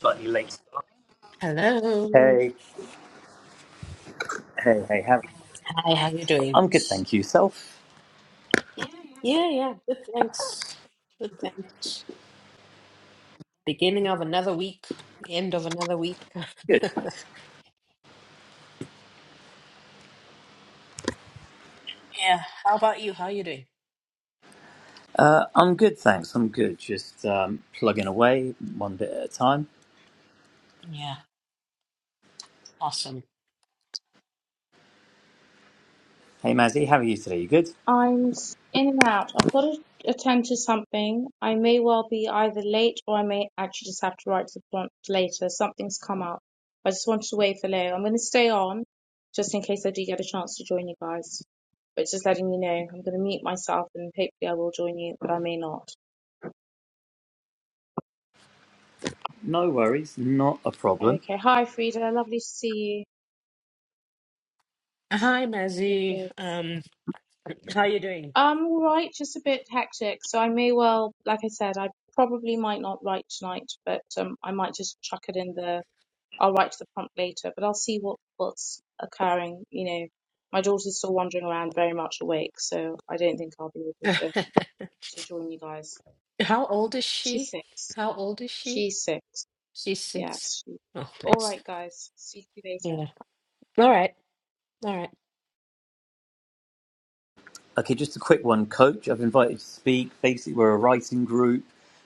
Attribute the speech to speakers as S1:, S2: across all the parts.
S1: slightly late. start.
S2: Hello.
S1: Hey, hey, hey, how are you?
S2: Hi, how you doing?
S1: I'm good, thank you. Self,
S2: Yeah, yeah. Good, thanks. Good, thanks. Beginning of another week, end of another week.
S1: Good.
S2: Yeah. How about you? How you doing?
S1: Uh, I'm good, thanks. I'm good. Just um, plugging away one bit at a time.
S2: Yeah. Awesome.
S1: Hey, Mazzy, how are you today? You good?
S3: I'm s- in and out. I've got to attend to something. I may well be either late or I may actually just have to write to the prompt later. Something's come up. I just wanted to wait for Leo. I'm going to stay on just in case I do get a chance to join you guys. But just letting you know, I'm going to mute myself and hopefully I will join you, but I may not.
S1: No worries, not a problem.
S3: Okay. Hi, Frida. Lovely to see
S2: Hi, Mazzy.
S3: you.
S2: Um, how you doing?
S3: Um, all right. Just a bit hectic. So I may well, like I said, I probably might not write tonight, but um, I might just chuck it in there I'll write to the prompt later, but I'll see what what's occurring. You know, my daughter's still wandering around, very much awake, so I don't think I'll be able to uh, to join you guys.
S2: How old is
S3: She's
S2: she?
S3: six.
S2: How old is she?
S3: She's six.
S2: She's six.
S3: Yes. She...
S2: Oh,
S3: All
S2: bless.
S3: right, guys. See you later.
S2: Yeah. All right. All right.
S1: Okay, just a quick one, Coach. I've invited to speak. Basically, we're a writing group.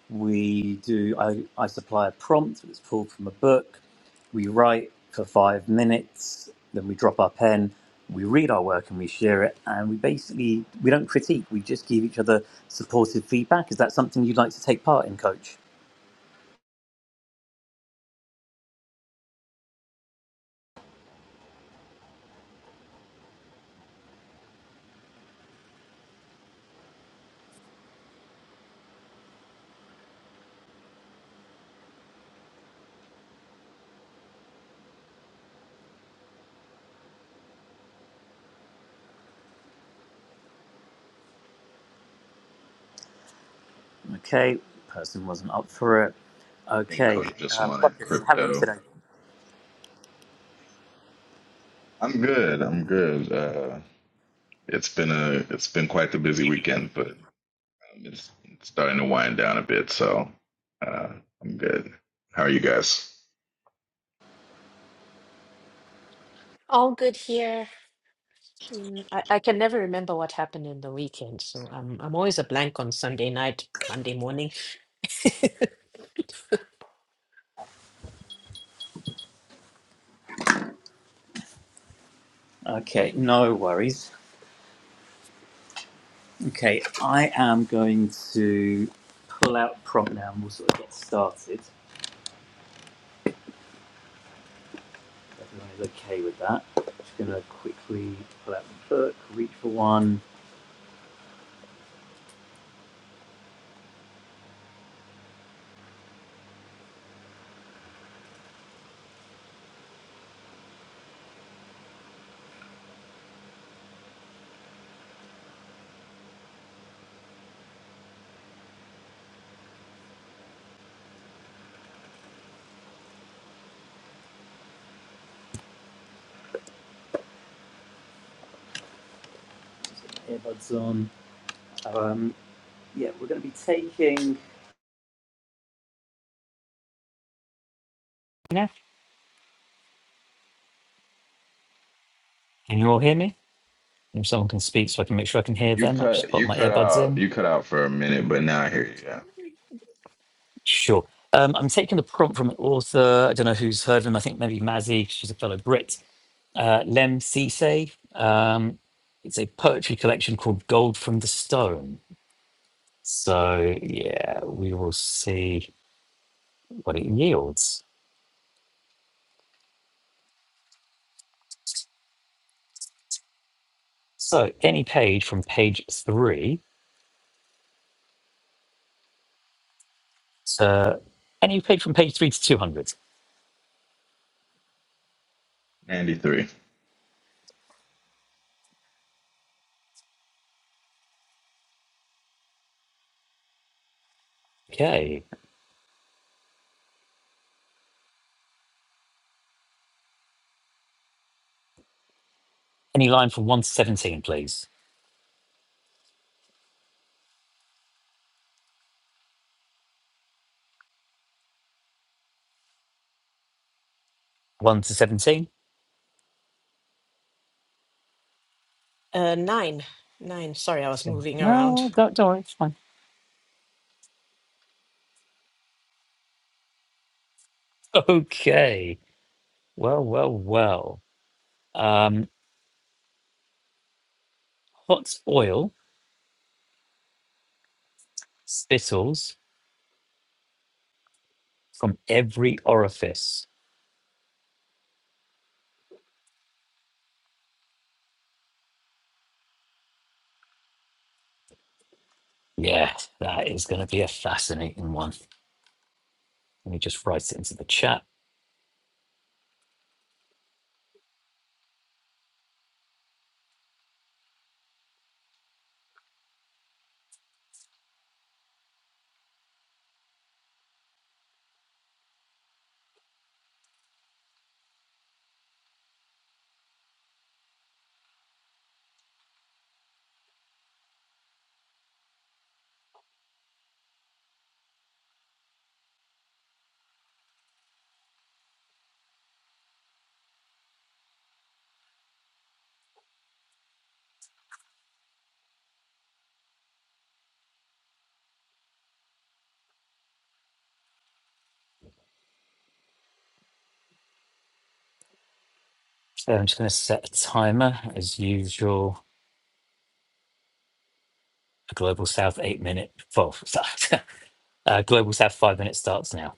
S1: We do. I, I supply a prompt that's pulled from a book. We write for five minutes, then we drop our pen. We read our work and we share it. And we basically we don't critique. We just give each other supportive feedback. Is that something you'd like to take part in, Coach? Okay, person wasn't up for it.
S4: think
S1: Okay,
S4: Coach just
S1: um,
S4: wanted
S1: Ruckus, how are you
S4: crypto.
S1: today?
S4: I'm good. I'm good. Uh, it's been a it's been quite the busy weekend, but um, it's, it's starting to wind down a bit. So uh, I'm good. How are you guys?
S2: All good here. Mm, I, I can never remember what happened in the weekend, so I'm I'm always a blank on Sunday night, Monday morning.
S1: Okay, no worries. Okay, I am going to pull out prompt now and we'll sort of get started. everyone is okay with that. Just going to quickly pull out the book, reach for one, get my earbuds on. Um, yeah, we're going to be taking. Yeah, can you all hear me? If someone can speak so I can make sure I can hear
S4: You
S1: them, I've just
S4: cut
S1: put
S4: you
S1: my
S4: cut
S1: earbuds
S4: out
S1: in.
S4: you cut out for a minute, but now I hear you. Yeah,
S1: Sure. Um, I'm taking the prompt from an author. I don't know who's heard of him. I think maybe Mazzy, 'cause she's a fellow Brit. uh, Lem Cisse. Um, it's a poetry collection called Gold from the Stone. So, yeah, we will see what it yields. So, any page from page three to any page from page three to 200.
S4: ninety three.
S1: Okay. Any line from one to 17, please. One to 17?
S2: Uh, nine, nine. Sorry, I was
S1: So-
S2: moving
S1: No,
S2: around.
S1: don't, don't worry, it's fine. Okay. Well, well, well. Um, hot oil spittles from every orifice Yeah, that is going to be a fascinating one. Let me just write it into the chat. So I'm just going to set a timer as usual. A Global South eight minute, well, uh, Global South five minute starts now.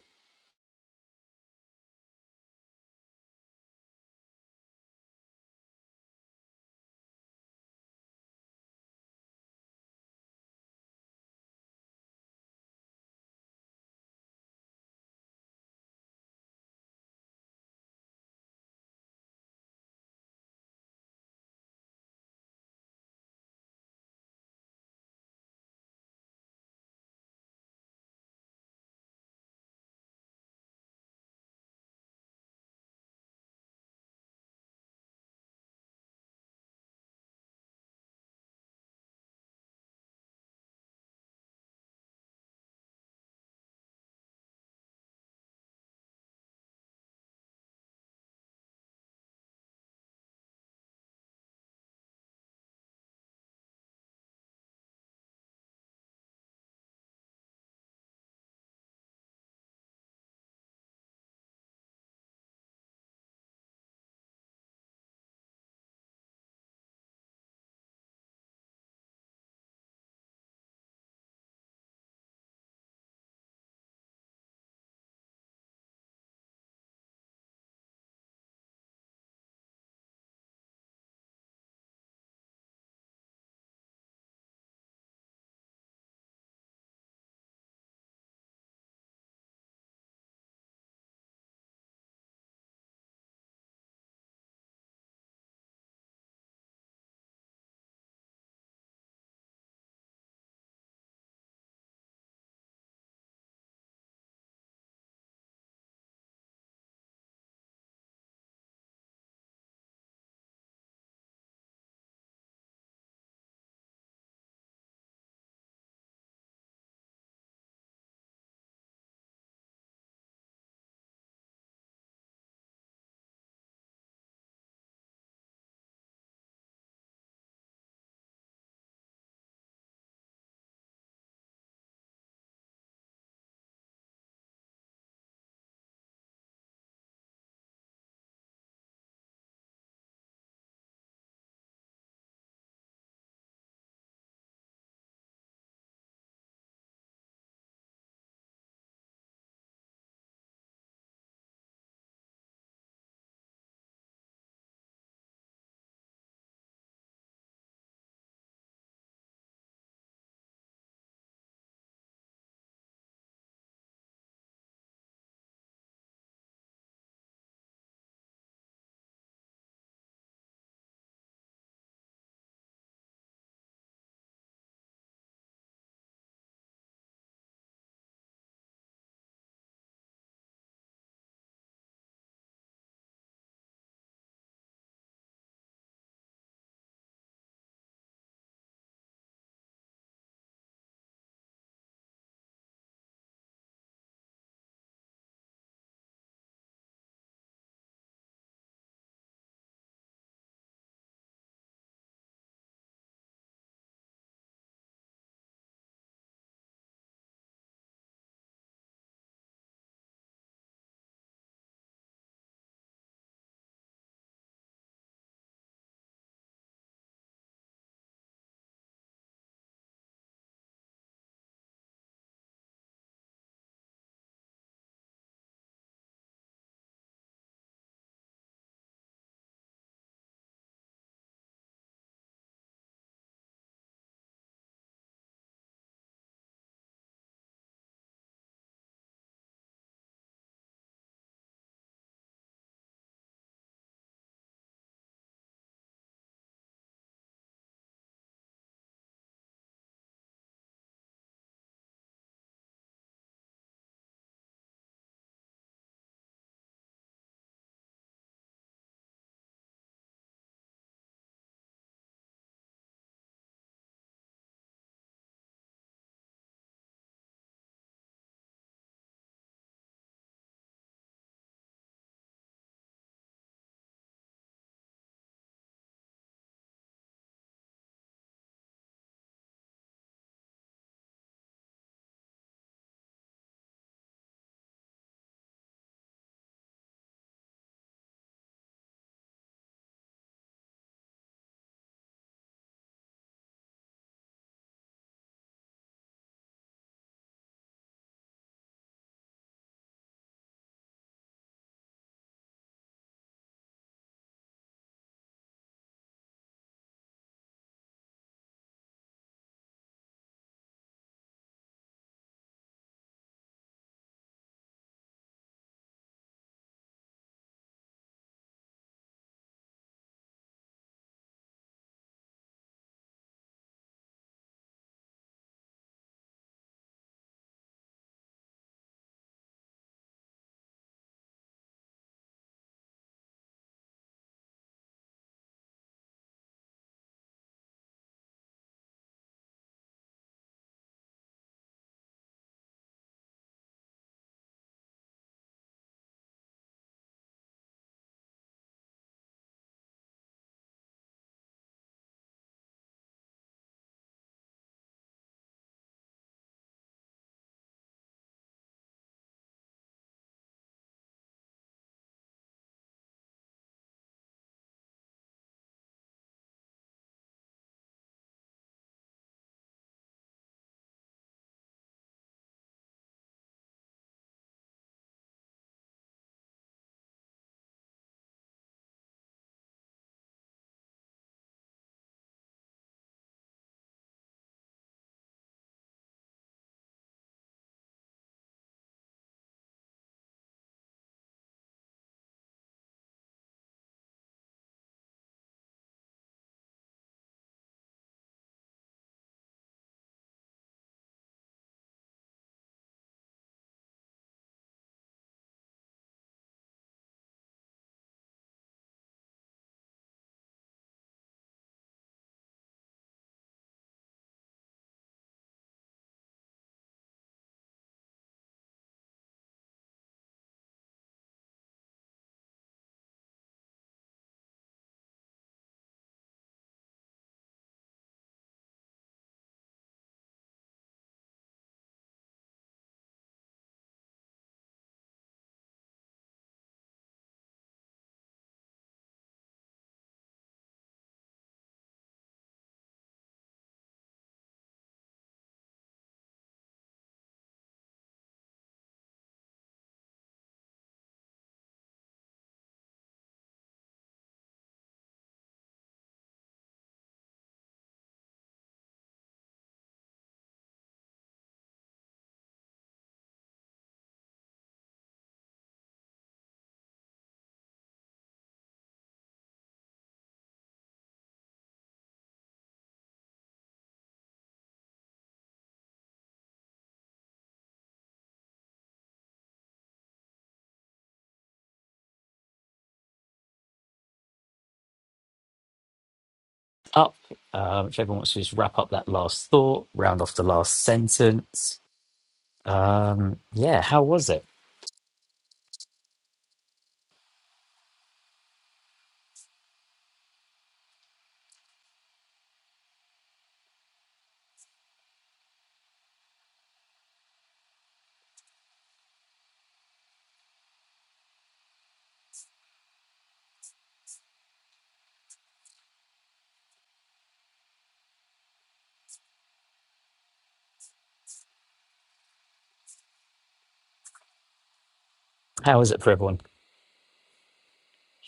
S1: Up, uh, whichever wants to just wrap up that last thought, round off the last sentence. Um, yeah, how was it? How was it for everyone?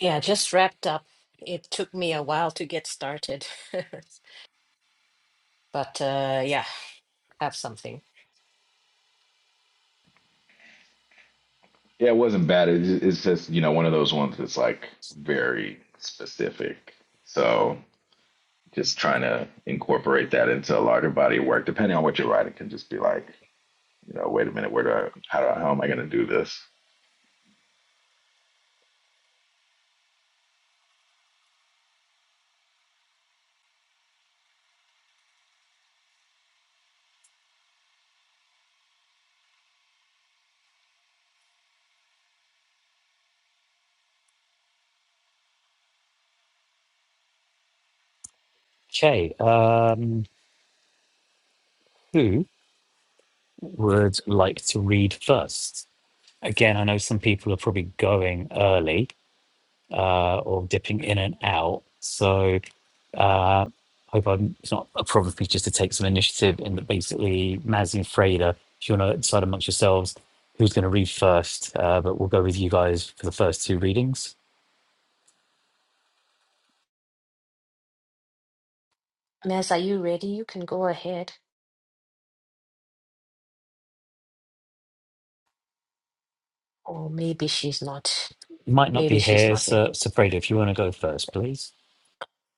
S2: Yeah, just wrapped up. It took me a while to get started, but uh, yeah, have something.
S4: Yeah, it wasn't bad. It, it's just you know one of those ones that's like very specific. So just trying to incorporate that into a larger body of work, depending on what you're writing, can just be like You know, wait a minute, where do I, how, do I- how am I going to do this?
S1: Okay, um, who would like to read first? Again, I know some people are probably going early. uh, or dipping in and out. So uh, hope I'm, it's not a problem for me just to take some initiative in that basically Mazzy and Freda, if you want to decide amongst yourselves who's going to read first, uh, but we'll go with you guys for the first two readings.
S2: Ness, are you ready? You can go ahead. Or maybe she's not.
S1: You might not be
S2: Maybe she's
S1: here,
S2: not here.
S1: so, so Freda, if you want to go first, please.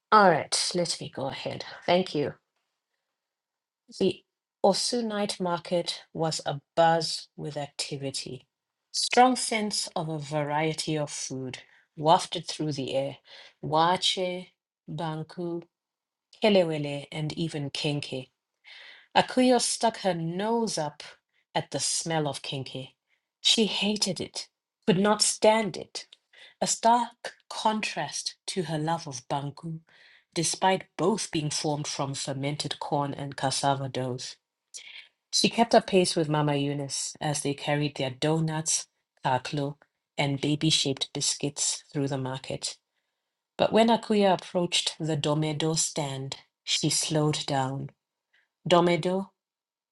S2: All right, let me go ahead. Thank you. The Osu night market was abuzz with activity. Strong scents of a variety of food wafted through the air. Wache, banku, kelewele, and even kenke. Akuyo stuck her nose up at the smell of kenke. She hated it, could not stand it. A stark contrast to her love of banku, despite both being formed from fermented corn and cassava doughs. She kept up pace with Mama Eunice as they carried their donuts, kaklo, and baby shaped biscuits through the market. But when Akuya approached the Domedo stand, she slowed down. Domedo,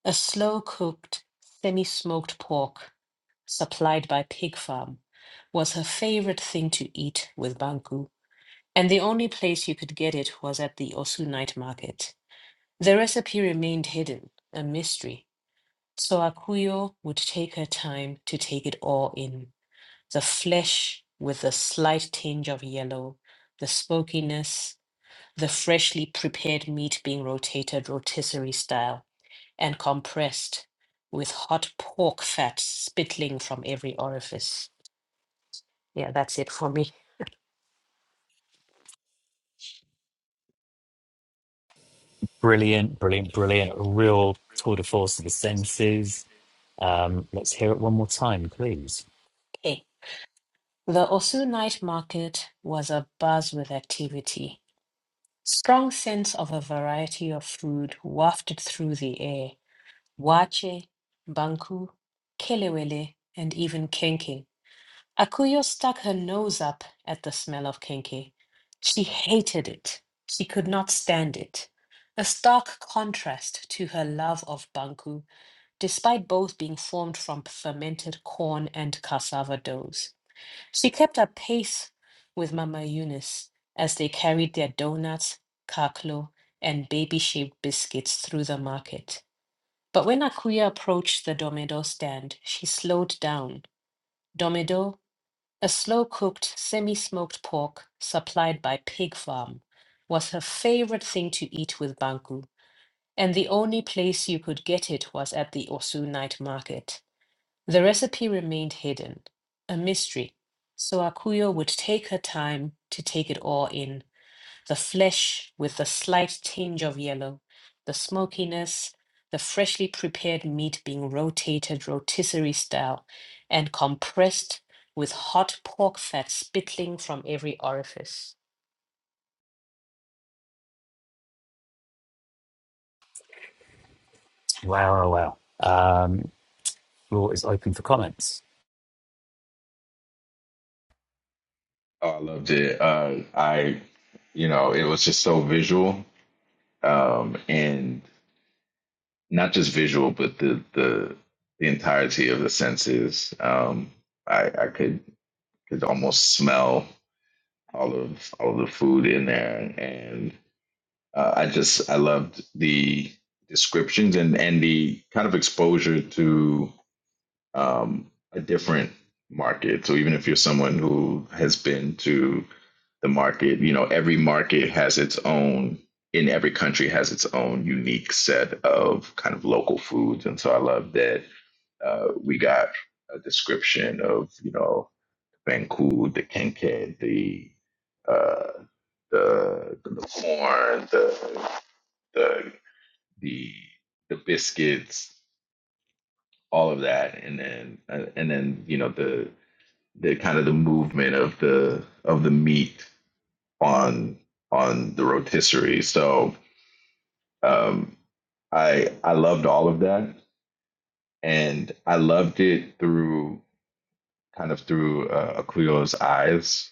S2: a slow cooked, semi smoked pork supplied by Pig Farm, was her favorite thing to eat with Banku, and the only place you could get it was at the Osu night market. The recipe remained hidden, a mystery so Akuyo would take her time to take it all in the flesh with the slight tinge of yellow, the smokiness, the freshly prepared meat being rotated rotisserie style and compressed with hot pork fat spittling from every orifice. Yeah, that's it for me.
S1: Brilliant, brilliant, brilliant. A real tour de force of the senses. Um, let's hear it one more time, please.
S2: Okay. The Osu night market was abuzz with activity. Strong scents of a variety of food wafted through the air Wache, Banku, Kelewele, and even Kenke. Akuyo stuck her nose up at the smell of Kenke. She hated it. She could not stand it. A stark contrast to her love of Banku, despite both being formed from fermented corn and cassava doughs. She kept a pace with Mama Eunice as they carried their donuts, kaklo, and baby shaped biscuits through the market. But when Akuya approached the Domedo stand, she slowed down. Domedo, a slow cooked, semi smoked pork supplied by Pig Farm, was her favorite thing to eat with Banku, and the only place you could get it was at the Osu night market. The recipe remained hidden, a mystery, so Akuyo would take her time to take it all in the flesh with a slight tinge of yellow, the smokiness, the freshly prepared meat being rotated rotisserie style and compressed with hot pork fat spittling from every orifice.
S1: Wow, wow, wow. Um, floor is open for comments.
S4: Oh, I loved it. Uh, I, you know, it was just so visual, um, and not just visual, but the the the entirety of the senses. Um, I, I could could almost smell all of all of the food in there, and uh, I just I loved the descriptions and and the kind of exposure to um, a different market. So even if you're someone who has been to the market, you know, every market has its own, in every country has its own unique set of kind of local foods. And so I love that uh, we got a description of, you know, Banku, the kenke, the, uh, the, the corn, the, the, the, the biscuits, all of that. And then, uh, and then, you know, the, the kind of the movement of the of the meat on on the rotisserie. So um, I I loved all of that, and I loved it through kind of through uh, Akuyo's eyes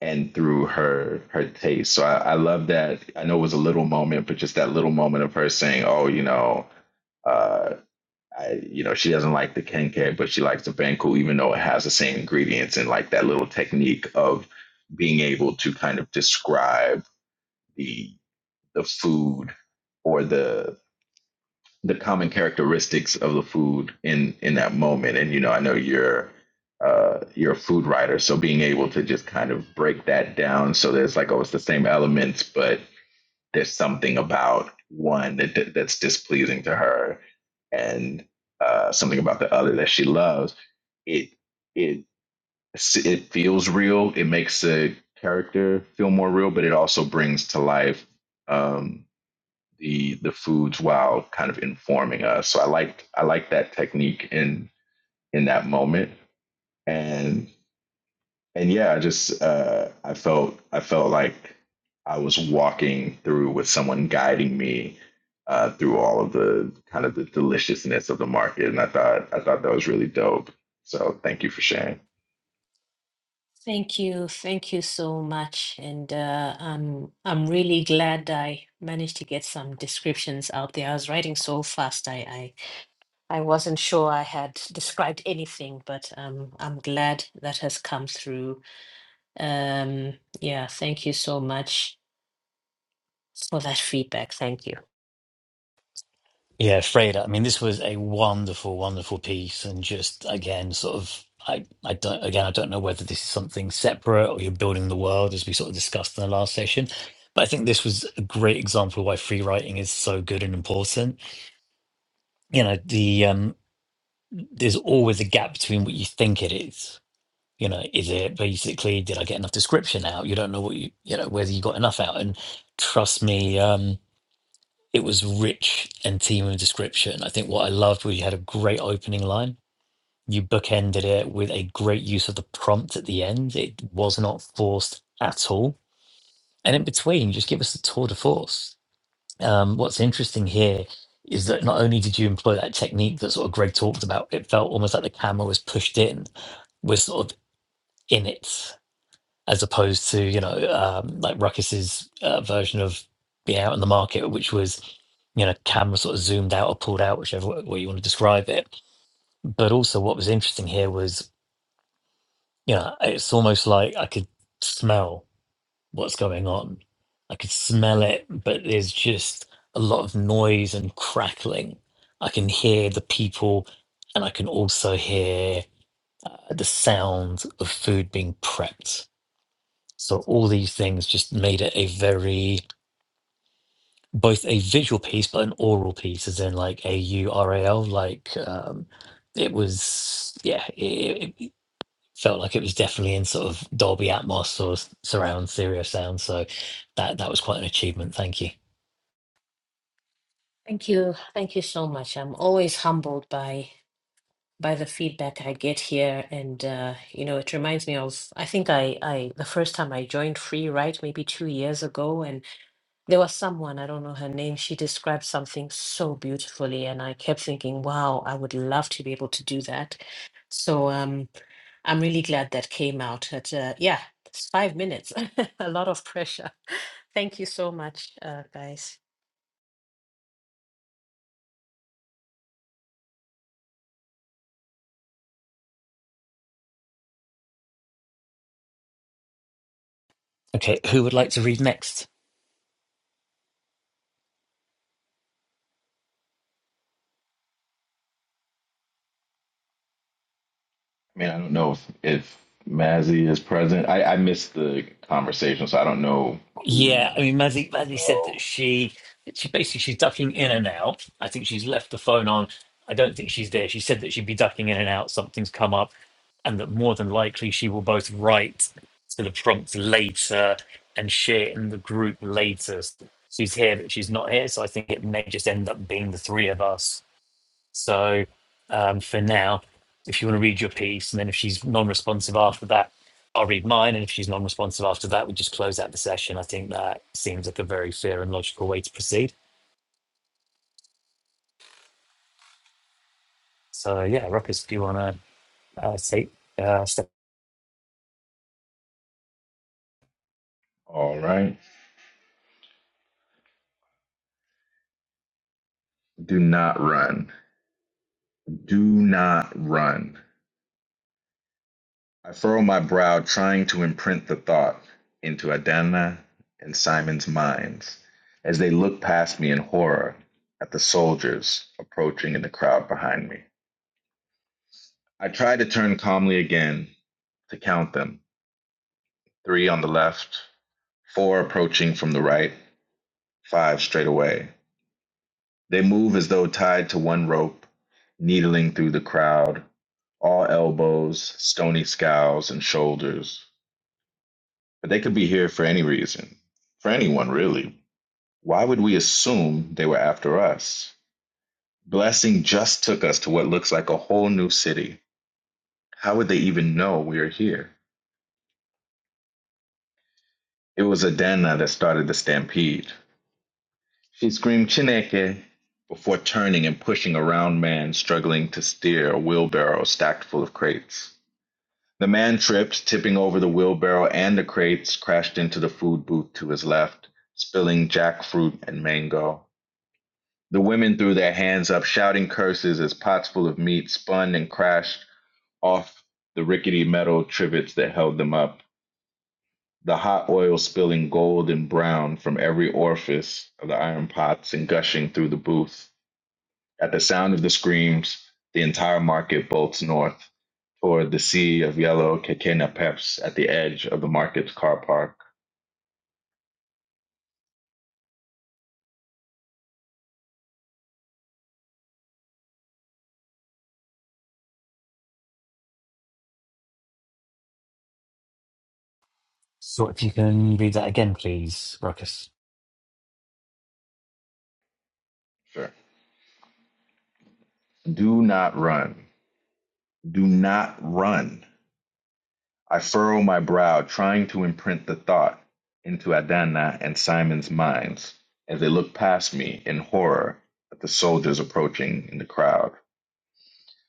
S4: and through her her taste. So I, I love that. I know it was a little moment, but just that little moment of her saying, "Oh, you know." Uh, I, you know, she doesn't like the kenke, but she likes the banku, even though it has the same ingredients and like that little technique of being able to kind of describe the the food or the the common characteristics of the food in in that moment. And you know, I know you're uh, you're a food writer, so being able to just kind of break that down so there's like oh, it's the same elements, but there's something about one that, that's displeasing to her and uh, something about the other that she loves it it it feels real it makes the character feel more real but it also brings to life um, the the foods while kind of informing us so i like i like that technique in in that moment and and yeah, I just uh, I felt I felt like I was walking through with someone guiding me uh, through all of the kind of the deliciousness of the market, and I thought I thought that was really dope. So thank you for sharing.
S2: Thank you, thank you so much, and uh, I'm I'm really glad I managed to get some descriptions out there. I was writing so fast, I I, I wasn't sure I had described anything, but um, I'm glad that has come through Um, yeah, thank you so much for that feedback. Thank you.
S1: Yeah, Freda. I mean, this was a wonderful, wonderful piece, and just again, sort of, I, I don't, again, I don't know whether this is something separate or you're building the world, as we sort of discussed in the last session. But I think this was a great example of why free writing is so good and important. You know, the um, there's always a gap between what you think it is. You know, is it basically did I get enough description out? You don't know what you, you know, whether you got enough out. And trust me, um, it was rich and team of description. I think what I loved was you had a great opening line. You bookended it with a great use of the prompt at the end. It was not forced at all. And in between, just give us the tour de force. Um, what's interesting here is that not only did you employ that technique that sort of Greg talked about, it felt almost like the camera was pushed in, was sort of in it as opposed to you know um, like Ruckus's uh, version of being out in the market, which was you know camera sort of zoomed out or pulled out, whichever wa- way you want to describe it. But also, what was interesting here was you know it's almost like I could smell what's going on. I could smell it, but there's just a lot of noise and crackling. I can hear the people, and I can also hear uh, the sound of food being prepped So all these things just made it a very both a visual piece but an oral piece, as in like A U R A L. Like um, it was, yeah, it, it felt like it was definitely in sort of Dolby Atmos or s- surround stereo sound. So that that was quite an achievement. Thank you.
S2: Thank you. Thank you so much. I'm always humbled by by the feedback I get here and uh, you know, it reminds me of I think I I the first time I joined Free Write maybe 2 years ago and there was someone, I don't know her name, she described something so beautifully and I kept thinking, wow, I would love to be able to do that. So um I'm really glad that came out at, uh, yeah, it's five minutes. A lot of pressure. Thank you so much, uh, guys.
S1: Okay, who would like to read next?
S4: I mean, I don't know if if Mazzy is present. I, I missed the conversation, so I don't know who
S1: Yeah, I mean, Maddie,
S4: needed to
S1: Maddie said that
S4: go.
S1: she she basically she's ducking in and out. I think she's left the phone on. I don't think she's there. She said that she'd be ducking in and out. Something's come up, and that more than likely she will both write to the prompt later and share in the group later. She's here, but she's not here. So I think it may just end up being the three of us so um, for now, if you want to read your piece, and then if she's non-responsive after that, I'll read mine. And if she's non-responsive after that, we just close out the session. I think that seems like a very fair and logical way to proceed. So yeah, Ruckus, if you want to uh, take uh, step?
S4: All right. Do not run. Do not run. I furrow my brow, trying to imprint the thought into Adana and Simon's minds as they look past me in horror at the soldiers approaching in the crowd behind me. I try to turn calmly again to count them three on the left, four approaching from the right, five straight away. They move as though tied to one rope, needling through the crowd, all elbows, stony scowls, and shoulders. But they could be here for any reason, for anyone, really. Why would we assume they were after us? Blessing just took us to what looks like a whole new city. How would they even know we are here? It was Adana that started the stampede. She screamed Chineke before turning and pushing a round man struggling to steer a wheelbarrow stacked full of crates. The man tripped, tipping over the wheelbarrow and the crates, crashed into the food booth to his left, spilling jackfruit and mango. The women threw their hands up, shouting curses as pots full of meat spun and crashed off the rickety metal trivets that held them up, the hot oil spilling gold and brown from every orifice of the iron pots and gushing through the booth. At the sound of the screams, the entire market bolts north toward the sea of yellow quinquina peps at the edge of the market's car park.
S1: So if you can read that again, please, Ruckus.
S4: Sure. Do not run. Do not run. I furrow my brow, trying to imprint the thought into Adana and Simon's minds as they look past me in horror at the soldiers approaching in the crowd.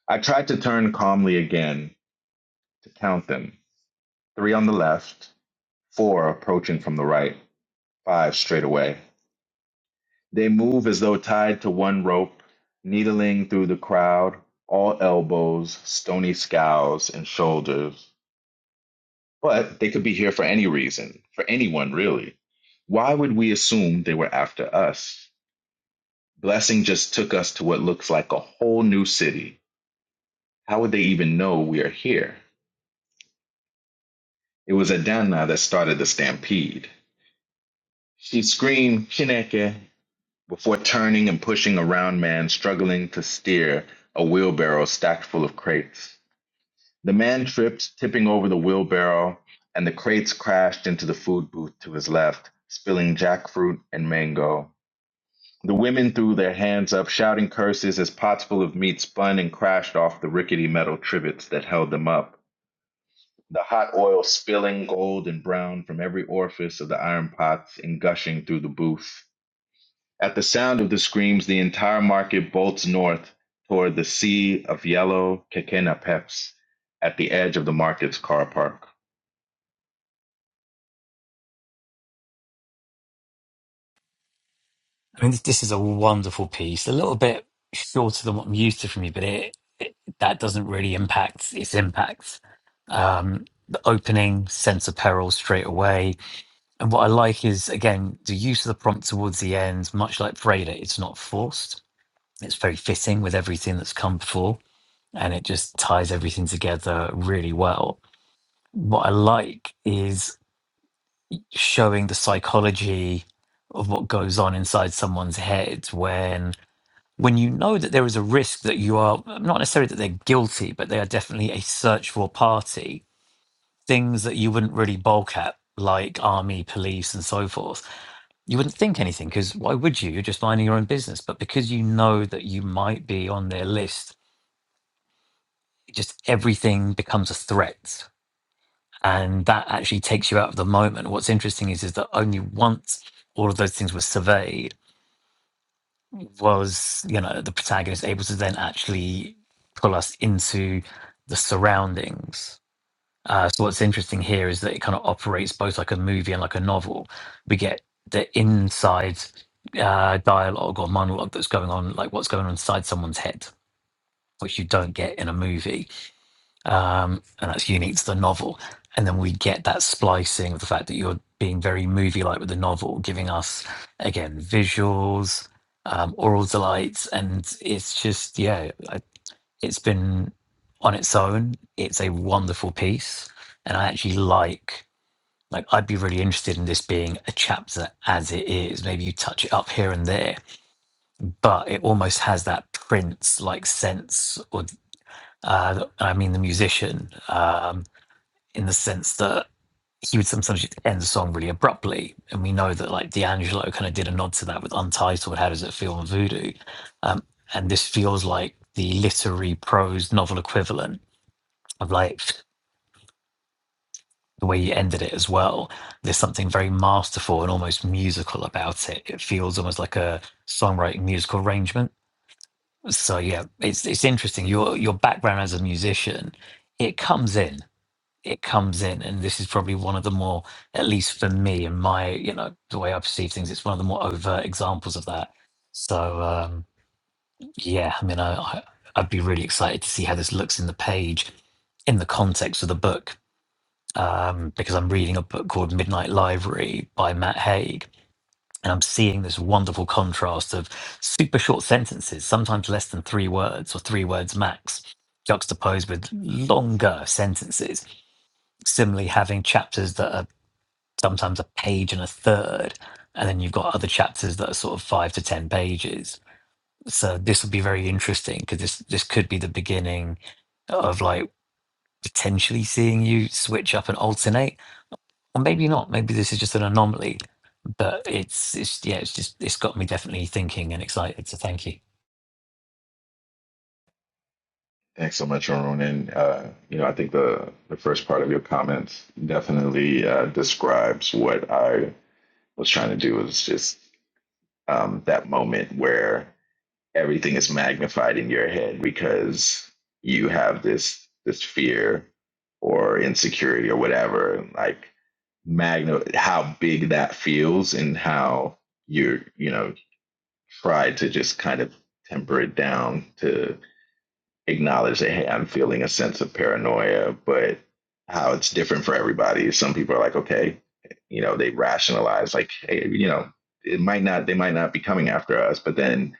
S4: I try to turn calmly again to count them three on the left, four approaching from the right, five straight away. They move as though tied to one rope, needling through the crowd, all elbows, stony scows, and shoulders. But they could be here for any reason, for anyone really. Why would we assume they were after us? Blessing just took us to what looks like a whole new city. How would they even know we are here? It was Adana that started the stampede. She screamed, Chineke, before turning and pushing a round man struggling to steer a wheelbarrow stacked full of crates. The man tripped, tipping over the wheelbarrow, and the crates crashed into the food booth to his left, spilling jackfruit and mango. The women threw their hands up, shouting curses as pots full of meat spun and crashed off the rickety metal trivets that held them up. The hot oil spilling gold and brown from every orifice of the iron pots and gushing through the booth. At the sound of the screams, the entire market bolts north toward the sea of yellow Kekena Peps at the edge of the market's car park.
S1: I mean, this, this is a wonderful piece. A little bit shorter than what I'm used to from you, but it, it that doesn't really impact its impact. Um, the opening sense of peril straight away And what I like is, again, the use of the prompt towards the end, much like Freda, it's not forced. It's very fitting with everything that's come before, and it just ties everything together really well. What I like is showing the psychology of what goes on inside someone's head when when you know that there is a risk that you are not necessarily that they're guilty, but they are definitely a search for party things that you wouldn't really balk at, like army, police, and so forth. You wouldn't think anything because why would you? You're just minding your own business. But because you know that you might be on their list, just everything becomes a threat. And that actually takes you out of the moment. What's interesting is, is that only once all of those things were surveyed was, you know, the protagonist able to then actually pull us into the surroundings Uh, so what's interesting here is that it kind of operates both like a movie and like a novel. We get the inside uh, dialogue or monologue that's going on, like what's going on inside someone's head, which you don't get in a movie, um, and that's unique to the novel. And then we get that splicing of the fact that you're being very movie-like with the novel, giving us again visuals, um, oral delights, and it's just yeah. It's been on its own. It's a wonderful piece, and I actually like. Like I'd be really interested in this being a chapter as it is. Maybe you touch it up here and there, but it almost has that Prince like sense, or uh, I mean the musician, um, in the sense that he would sometimes just end the song really abruptly, and we know that like D'Angelo kind of did a nod to that with Untitled. How does it feel on Voodoo? Um, and this feels like the literary prose novel equivalent I've liked the way you ended it as well. There's something very masterful and almost musical about it. It feels almost like a songwriting musical arrangement. So yeah, it's it's interesting. Your your background as a musician, it comes in. It comes in, and this is probably one of the more, at least for me and my, you know, the way I perceive things, it's one of the more overt examples of that. So um, yeah, I mean, I, I I'd be really excited to see how this looks in the page, in the context of the book um, because I'm reading a book called Midnight Library by Matt Haig. And I'm seeing this wonderful contrast of super short sentences, sometimes less than three words or three words max, juxtaposed with longer sentences. Similarly, having chapters that are sometimes a page and a third. And then you've got other chapters that are sort of five to 10 pages. So this will be very interesting because this, this could be the beginning of like potentially seeing you switch up and alternate or maybe not. Maybe this is just an anomaly, but it's it's yeah, it's just it's got me definitely thinking and excited. So thank you.
S4: Thanks so much, Arun. And uh, you know, I think the the first part of your comments definitely uh, describes what I was trying to do. Is just um, that moment where everything is magnified in your head because you have this this fear or insecurity or whatever, like magna how big that feels and how you're you know try to just kind of temper it down to acknowledge that hey, I'm feeling a sense of paranoia, but how it's different for everybody. Some people are like, okay, you know, they rationalize like, hey, you know, it might not, they might not be coming after us, but then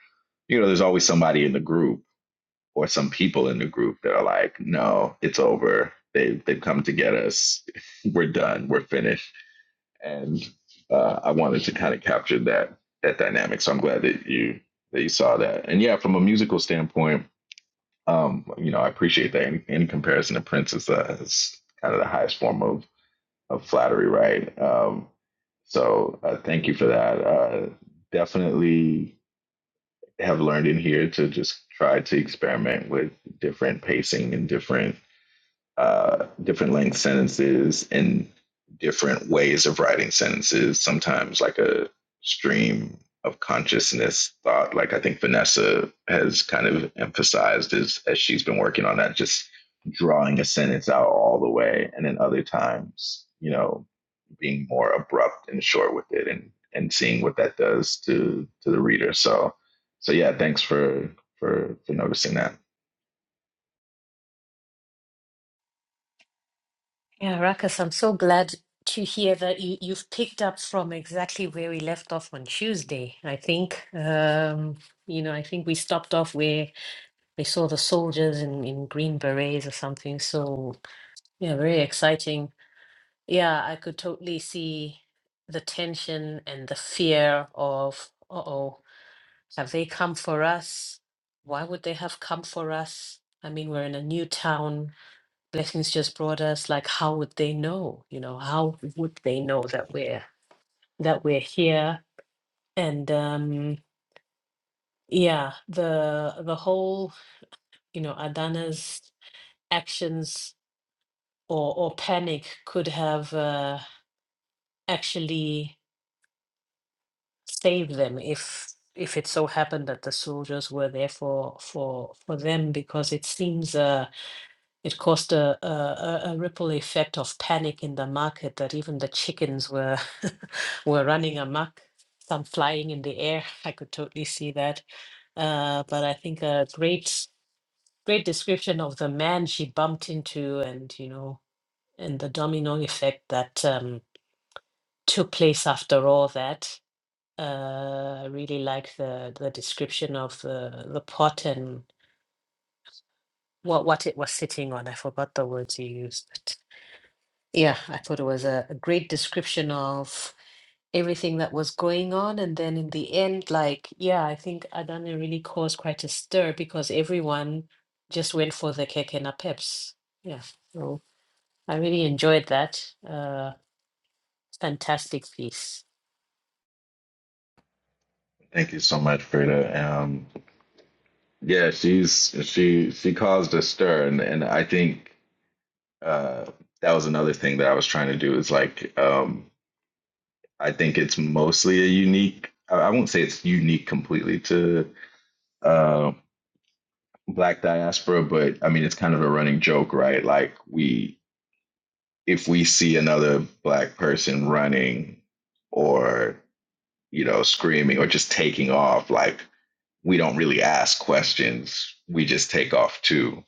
S4: you know, there's always somebody in the group or some people in the group that are like, no, it's over. They they've come to get us. We're done. We're finished. And uh, I wanted to kind of capture that that dynamic. So I'm glad that you that you saw that. And yeah, from a musical standpoint, um, you know, I appreciate that. In, in comparison to Prince, is, uh, is kind of the highest form of, of flattery, right? Um, so uh, thank you for that. Uh, definitely have learned in here to just try to experiment with different pacing and different uh, different length sentences and different ways of writing sentences. Sometimes like a stream of consciousness thought. Like I think Vanessa has kind of emphasized as as she's been working on that, just drawing a sentence out all the way, and then other times, you know, being more abrupt and short with it, and and seeing what that does to to the reader. So so yeah, thanks for for for noticing that.
S2: Yeah, Rakas, I'm so glad to hear that you, you've picked up from exactly where we left off on Tuesday. I think, um, you know, I think we stopped off where we saw the soldiers in, in green berets or something. So, yeah, very exciting. Yeah, I could totally see the tension and the fear of, uh oh. Have they come for us? Why would they have come for us? I mean, we're in a new town. Blessings just brought us. Like, how would they know? You know, how would they know that we're that we're here? And um, yeah, the the whole you know Adana's actions or or panic could have uh, actually saved them if if it so happened that the soldiers were there for for for them because it seems. Uh, It caused a, a, a a ripple effect of panic in the market that even the chickens were were running amok, some flying in the air. I could totally see that. Uh, but I think a great great description of the man she bumped into, and you know, and the domino effect that um, took place after all that. Uh, I really like the the description of the the pot and what what it was sitting on. I forgot the words you used. Yeah, I thought it was a, a great description of everything that was going on. And then in the end, like, yeah, I think Adana really caused quite a stir because everyone just went for the Kekena Peps. Yeah, so I really enjoyed that. Uh, fantastic piece.
S4: Thank you so much, Freda. Um, Yeah, she's she she caused a stir, and and I think uh, that was another thing that I was trying to do is like um, I think it's mostly a unique. I I won't say it's unique completely to uh, Black diaspora, but I mean it's kind of a running joke, right? Like we if we see another Black person running or you know screaming or just taking off, like we don't really ask questions, we just take off too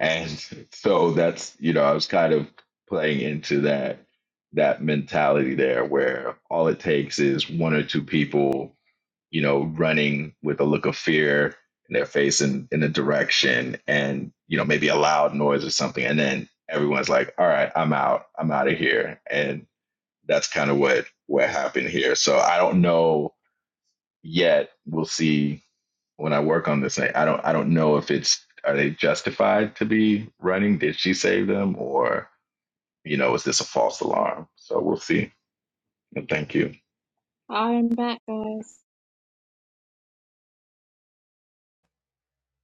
S4: And so that's, you know, I was kind of playing into that that mentality there where all it takes is one or two people, you know, running with a look of fear in their face in, in a direction and, you know, maybe a loud noise or something. And then everyone's like, all right, I'm out. I'm out of here. And that's kind of what what happened here. So I don't know yet. We'll see when I work on this, I, I don't I don't know if it's are they justified to be running? Did she save them, or you know, is this a false alarm? So we'll see. And thank you.
S3: I'm back, guys.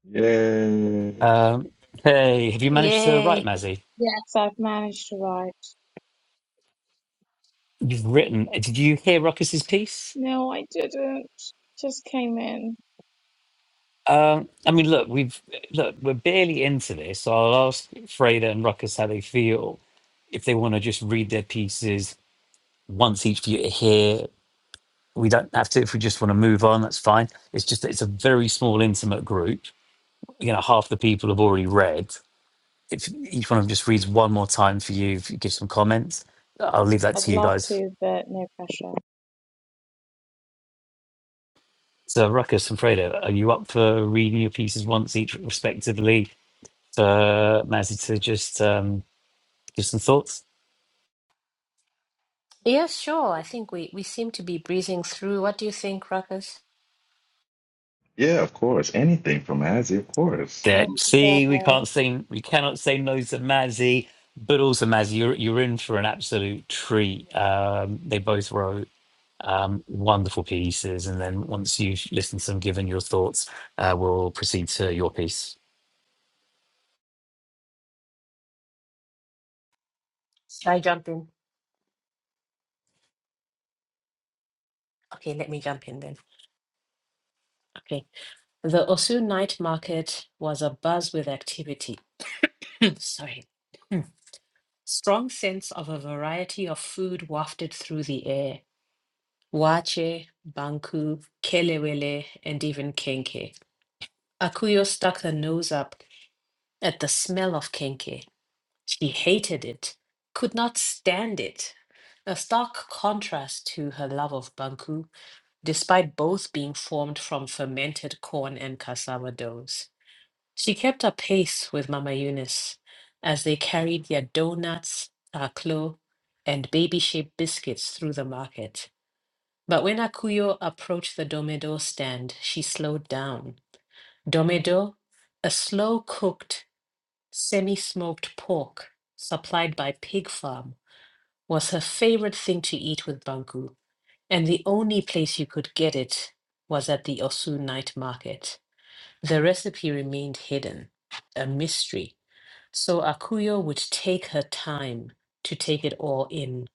S4: Yay!
S1: Um, hey, have you managed to write,
S2: Yay.
S1: Mazzy?
S3: Yes, I've managed to write.
S1: You've written. Did you hear Ruckus's piece?
S3: No, I didn't. Just came in.
S1: Um, I mean, look, we've look, we're barely into this. So I'll ask Freda and Ruckus how they feel if they want to just read their pieces once each for you to hear. We don't have to if we just want to move on. That's fine. It's just that it's a very small, intimate group. You know, half the people have already read if each one of them just reads one more time for you, if you give some comments, I'll leave that
S3: I'd
S1: to you
S3: love
S1: guys.
S3: to, but no pressure.
S1: So, Ruckus and Fredo, are you up for reading your pieces once each, respectively, for Mazzy to just um, give some thoughts?
S2: Yeah, sure. I think we, we seem to be breezing through. What do you think, Ruckus?
S4: Yeah, of course. Anything from Azzy, of course.
S1: There.
S3: Thank you,
S1: See, we
S3: guys.
S1: can't say we cannot say no to Mazzy, but also Mazzy, you're you're in for an absolute treat. Um, they both wrote um, wonderful pieces, and then once you've listened to them, given your thoughts, uh, we'll proceed to your piece.
S2: Should I jump in? Okay, let me jump in then. Okay. The Osu night market was abuzz with activity. Sorry. Strong sense of a variety of food wafted through the air. Wache, banku, kelewele, and even kenke. Akuyo stuck her nose up at the smell of kenke. She hated it, could not stand it. A stark contrast to her love of banku, despite both being formed from fermented corn and cassava doughs. She kept up pace with Mama Eunice as they carried their doughnuts, taklo, and baby shaped biscuits through the market. But when Akuyo approached the Domedo stand, she slowed down. Domedo, a slow cooked, semi smoked pork supplied by Pig Farm, was her favorite thing to eat with Banku, and the only place you could get it was at the Osu night market. The recipe remained hidden, a mystery so Akuyo would take her time to take it all in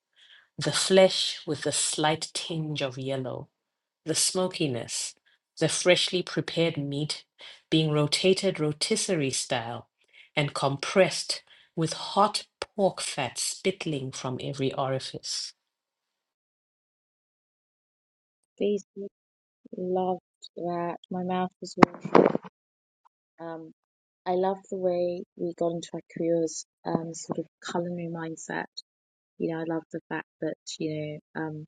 S2: the flesh with the slight tinge of yellow, the smokiness, the freshly prepared meat being rotated rotisserie style and compressed with hot pork fat spittling from every orifice.
S3: These people loved that. My mouth was watering. Um, I love the way we got into Akuya's um, sort of culinary mindset. You know, I love the fact that, you know, um,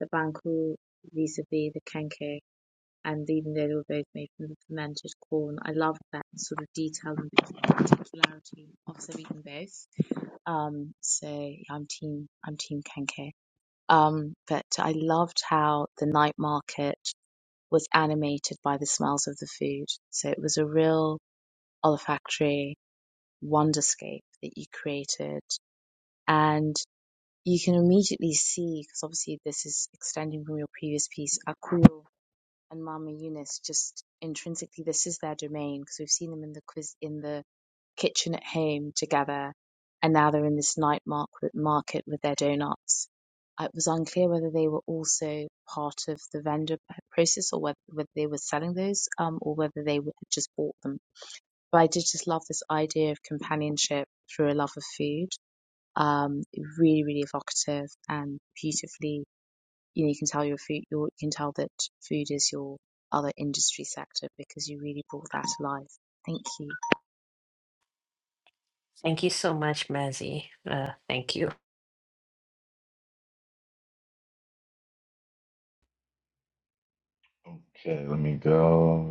S3: the banku vis-a-vis the kenke, and even though they were both made from the fermented corn, I love that sort of detail and particularity of them eating both. Um, so yeah, I'm team, I'm team kenke. Um, but I loved how the night market was animated by the smells of the food. So it was a real olfactory wonderscape that you created and you can immediately see because obviously this is extending from your previous piece akul and mama eunice just intrinsically this is their domain because we've seen them in the quiz in the kitchen at home together and now they're in this night market market with their donuts it was unclear whether they were also part of the vendor process or whether, whether they were selling those um, or whether they just bought them but I did just love this idea of companionship through a love of food. Um, really, really evocative and beautifully. You know, you can tell your food, your, you can tell that food is your other industry sector because you really brought that to life. Thank you.
S2: Thank you so much, Mazzy. Uh, thank you.
S4: Okay, let me go.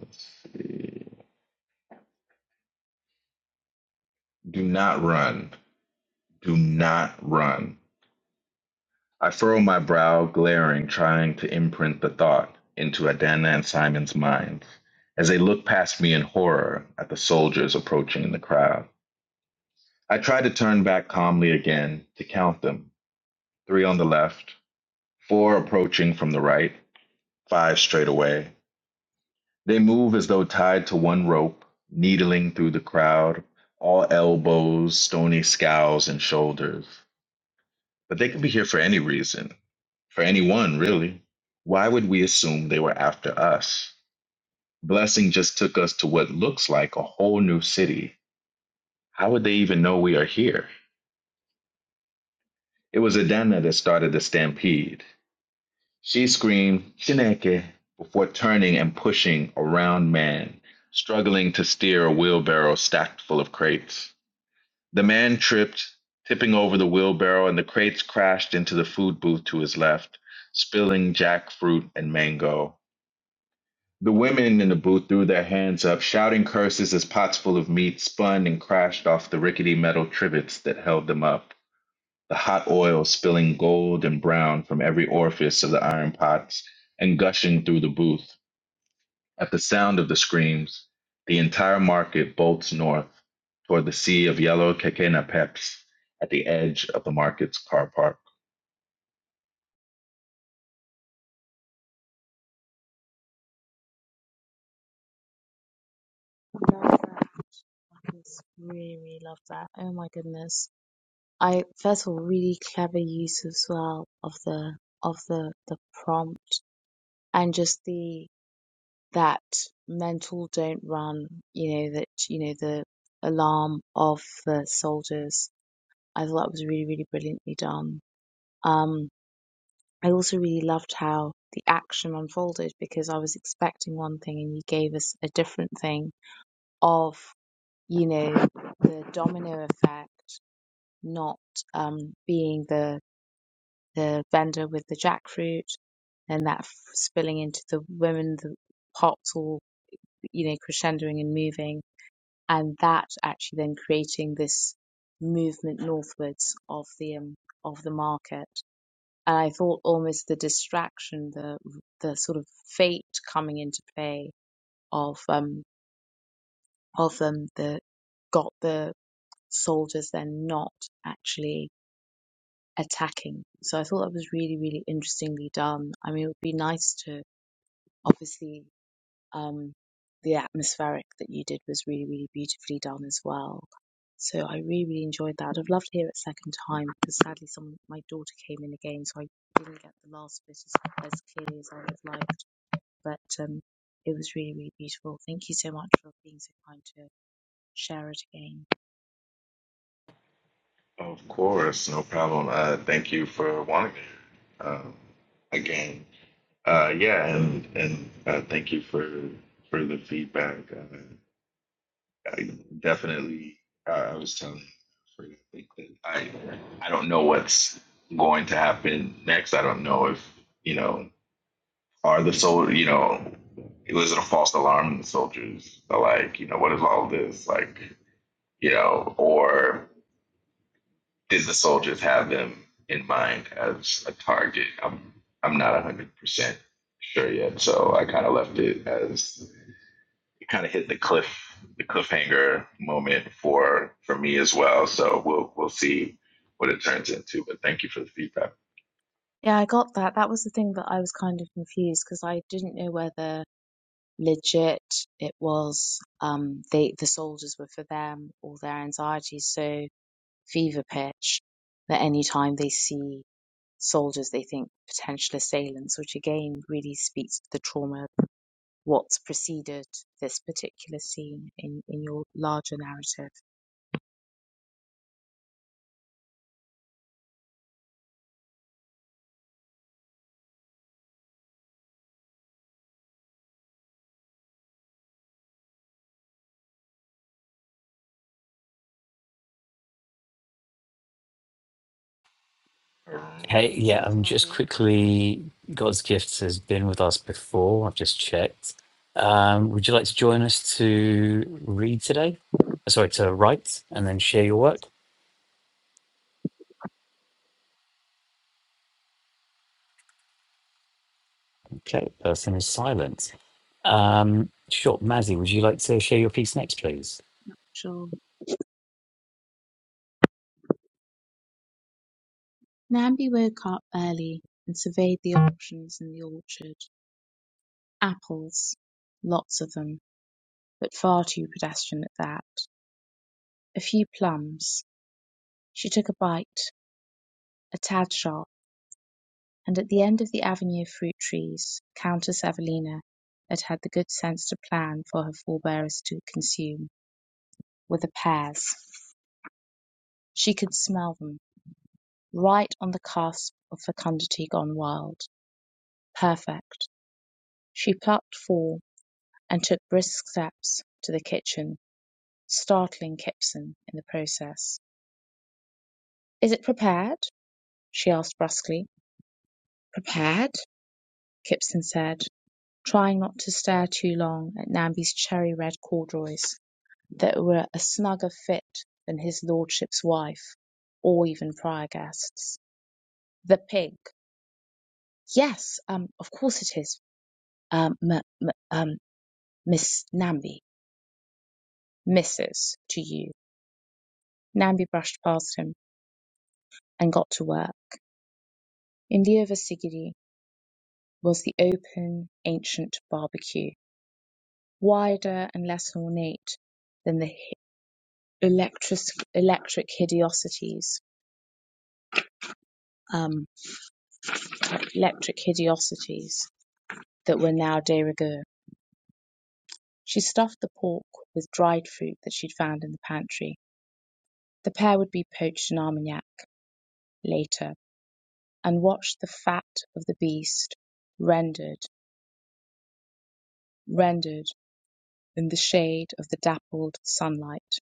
S4: Let's see. Do not run. Do not run. I furrow my brow, glaring, trying to imprint the thought into Adana and Simon's minds as they look past me in horror at the soldiers approaching in the crowd. I try to turn back calmly again to count them three on the left, four approaching from the right, five straight away. They move as though tied to one rope, needling through the crowd, all elbows, stony scowls, and shoulders. But they could be here for any reason for anyone really. Why would we assume they were after us? Blessing just took us to what looks like a whole new city. How would they even know we are here? It was Adana that started the stampede. She screamed, Chineke, before turning and pushing a round man, struggling to steer a wheelbarrow stacked full of crates. The man tripped, tipping over the wheelbarrow, and the crates crashed into the food booth to his left, spilling jackfruit and mango. The women in the booth threw their hands up, shouting curses as pots full of meat spun and crashed off the rickety metal trivets that held them up, the hot oil spilling gold and brown from every orifice of the iron pots and gushing through the booth. At the sound of the screams, the entire market bolts north toward the sea of yellow quequena peps at the edge of the market's car park.
S3: Love that. I just Really, really love that. Oh my goodness. I first of all, really clever use as well of the of the the prompt and just the that mental don't run, you know, that, you know, the alarm of the soldiers. I thought that was really, really brilliantly done. Um, I also really loved how the action unfolded because I was expecting one thing and you gave us a different thing of, you know, the domino effect not um, being the, the vendor with the jackfruit and that f- spilling into the women, the pots all, you know, crescendoing and moving and that actually then creating this movement northwards of the um, of the market. And I thought almost the distraction, the the sort of fate coming into play of um of them the got the soldiers then not actually attacking. So I thought that was really really interestingly done. I mean, it would be nice to obviously Um, the atmospheric that you did was really, really beautifully done as well. So I really, really enjoyed that. I'd love to hear it second time because sadly, someone, my daughter came in again, so I didn't get the last bit as, as clearly as I would have liked. But um, it was really, really beautiful. Thank you so much for being so kind to share it again.
S4: Of course, no problem. Uh, thank you for wanting it. Um, again. Uh, yeah, and and uh, thank you for for the feedback. Uh, I definitely, uh, I was telling Fred, I think that I I don't know what's going to happen next. I don't know if you know are the soldier you know it was it a false alarm and the soldiers are like you know what is all this like you know or did the soldiers have them in mind as a target? I'm I'm not one hundred percent sure yet, so I kind of left it as it kind of hit the cliff the cliffhanger moment for for me as well. So we'll we'll see what it turns into. But thank you for the feedback.
S3: Yeah, I got that. That was the thing that I was kind of confused because I didn't know whether legit it was um, they the soldiers were for them or their anxieties. So fever pitch that any time they see soldiers, they think potential assailants, which again really speaks to the trauma of what's preceded this particular scene in, in your larger narrative.
S1: Hey, yeah,
S4: Um,
S1: I'm
S3: Shall I
S1: just
S3: go?
S1: quickly. God's Gift has been with us before. I've just checked. Um, would you like to join us to read today? Uh, Sorry, to write and then share your work? Okay, person is silent. Um, sure, Mazzy, would you like to share your piece next, please?
S3: Sure. Nambi woke up early and surveyed the options in the orchard. Apples, lots of them, but far too pedestrian at that. A few plums. She took a bite, a tad sharp And at the end of the avenue of fruit trees Countess Evelina had had the good sense to plan for her forbearers to consume, were the pears. She could smell them, right on the cusp of fecundity gone wild, perfect. She plucked four and took brisk steps to the kitchen, startling Kipson in the process. "Is it prepared?" she asked brusquely. "Prepared?" Kipson said, trying not to stare too long at Namby's cherry red corduroys. that were a snugger fit than his lordship's wife, or even prior guests. The pig. Yes, um, of course it is. Um, m- m- um, Miss Namby, Mrs. to you. Namby brushed past him and got to work. In the oversigidi was the open, ancient barbecue, wider and less ornate than the hi- electric, electric hideosities, um, electric hideosities that were now de rigueur. She stuffed the pork with dried fruit that she'd found in the pantry. The pair would be poached in Armagnac later, and watched the fat of the beast rendered, rendered in the shade of the dappled sunlight.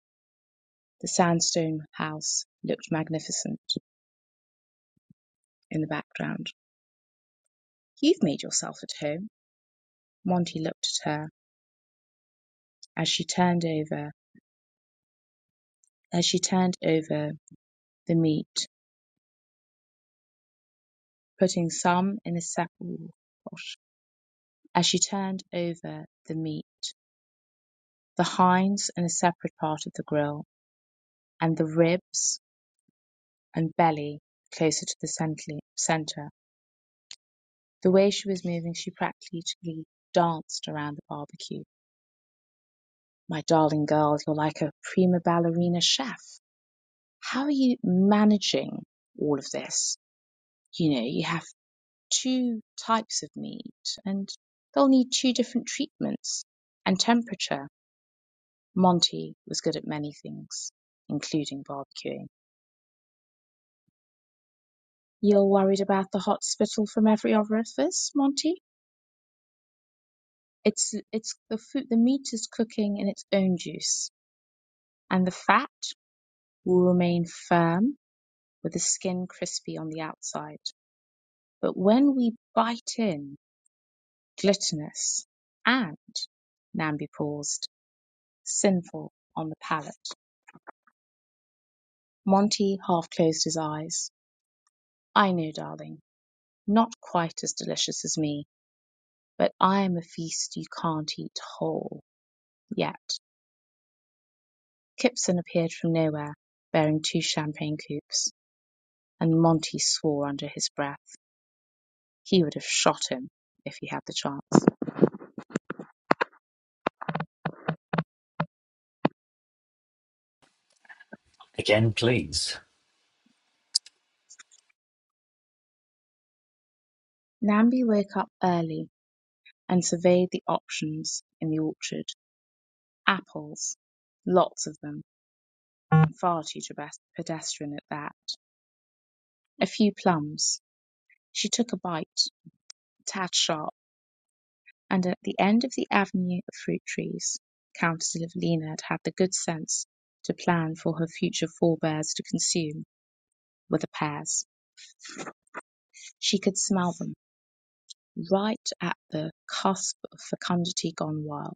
S3: The sandstone house looked magnificent in the background. "You've made yourself at home." Monty looked at her as she turned over as she turned over the meat, putting some in a separate as she turned over the meat. The hinds in a separate part of the grill, and the ribs and belly closer to the center. The way she was moving, she practically danced around the barbecue. My darling girl, you're like a prima ballerina chef. How are you managing all of this? You know, you have two types of meat and they'll need two different treatments and temperature. Monty was good at many things, including barbecuing. You're worried about the hot spittle from every orifice, Monty? It's it's the food the meat is cooking in its own juice, and the fat will remain firm with the skin crispy on the outside. But when we bite in, glutinous and Namby paused, sinful on the palate. Monty half closed his eyes. I know, darling, not quite as delicious as me, but I'm a feast you can't eat whole yet. Kipson appeared from nowhere, bearing two champagne coupes, and Monty swore under his breath he would have shot him if he had the chance.
S1: Again, please.
S3: Namby woke up early and surveyed the options in the orchard. Apples. Lots of them, and far too pedestrian at that. A few plums. She took a bite, a tad sharp, and at the end of the avenue of fruit trees, Countess Evelina had had the good sense to plan for her future forebears to consume. were the pears. She could smell them, right at the cusp of fecundity gone wild.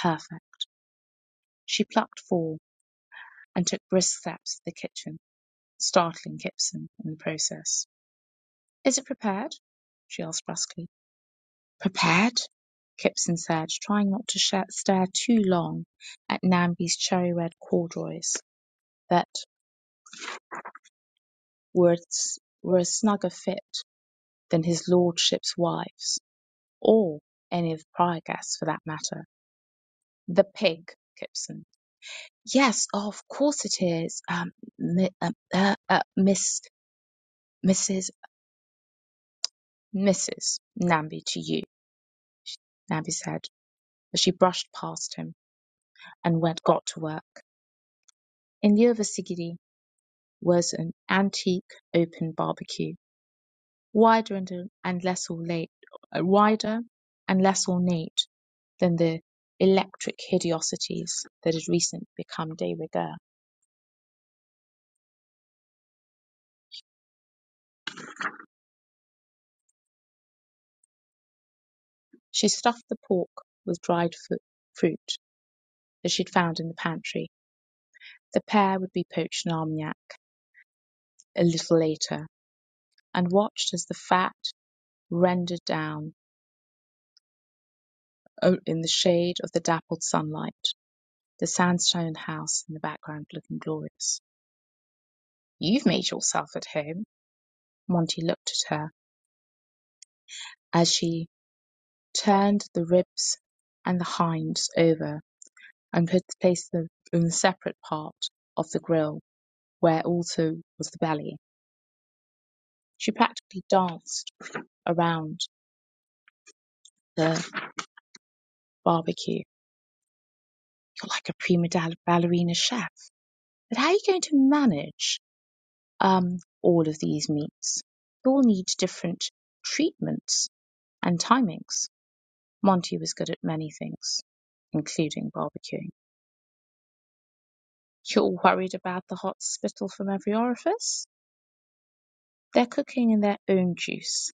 S3: Perfect. She plucked four and took brisk steps to the kitchen, startling Kipson in the process. "Is it prepared?" she asked brusquely. "Prepared?" Kipson said, trying not to sh- stare too long at Namby's cherry red corduroys that were, were a snugger fit than his lordship's wife's, or any of the prior guests for that matter. The pig, Gibson. Yes, oh, of course it is. Um, mi- um, uh, uh, Miss, Mrs, Mrs. Namby to you, Namby said, as she brushed past him and went got to work. In the other Sigidi was an antique open barbecue, wider and, and less ornate, uh, wider and less ornate than the electric hideosities that had recently become de rigueur. She stuffed the pork with dried fu- fruit that she'd found in the pantry. The pair would be poached in Armagnac a little later, and watched as the fat rendered down o- in the shade of the dappled sunlight, the sandstone house in the background looking glorious. You've made yourself at home. Monty looked at her as she turned the ribs and the hinds over and put, placed them in the separate part of the grill where also was the belly. She practically danced around the barbecue. You're like a prima ballerina chef. But how are you going to manage um, all of these meats? They all need different treatments and timings. Monty was good at many things, including barbecuing. You're worried about the hot spittle from every orifice? They're cooking in their own juice,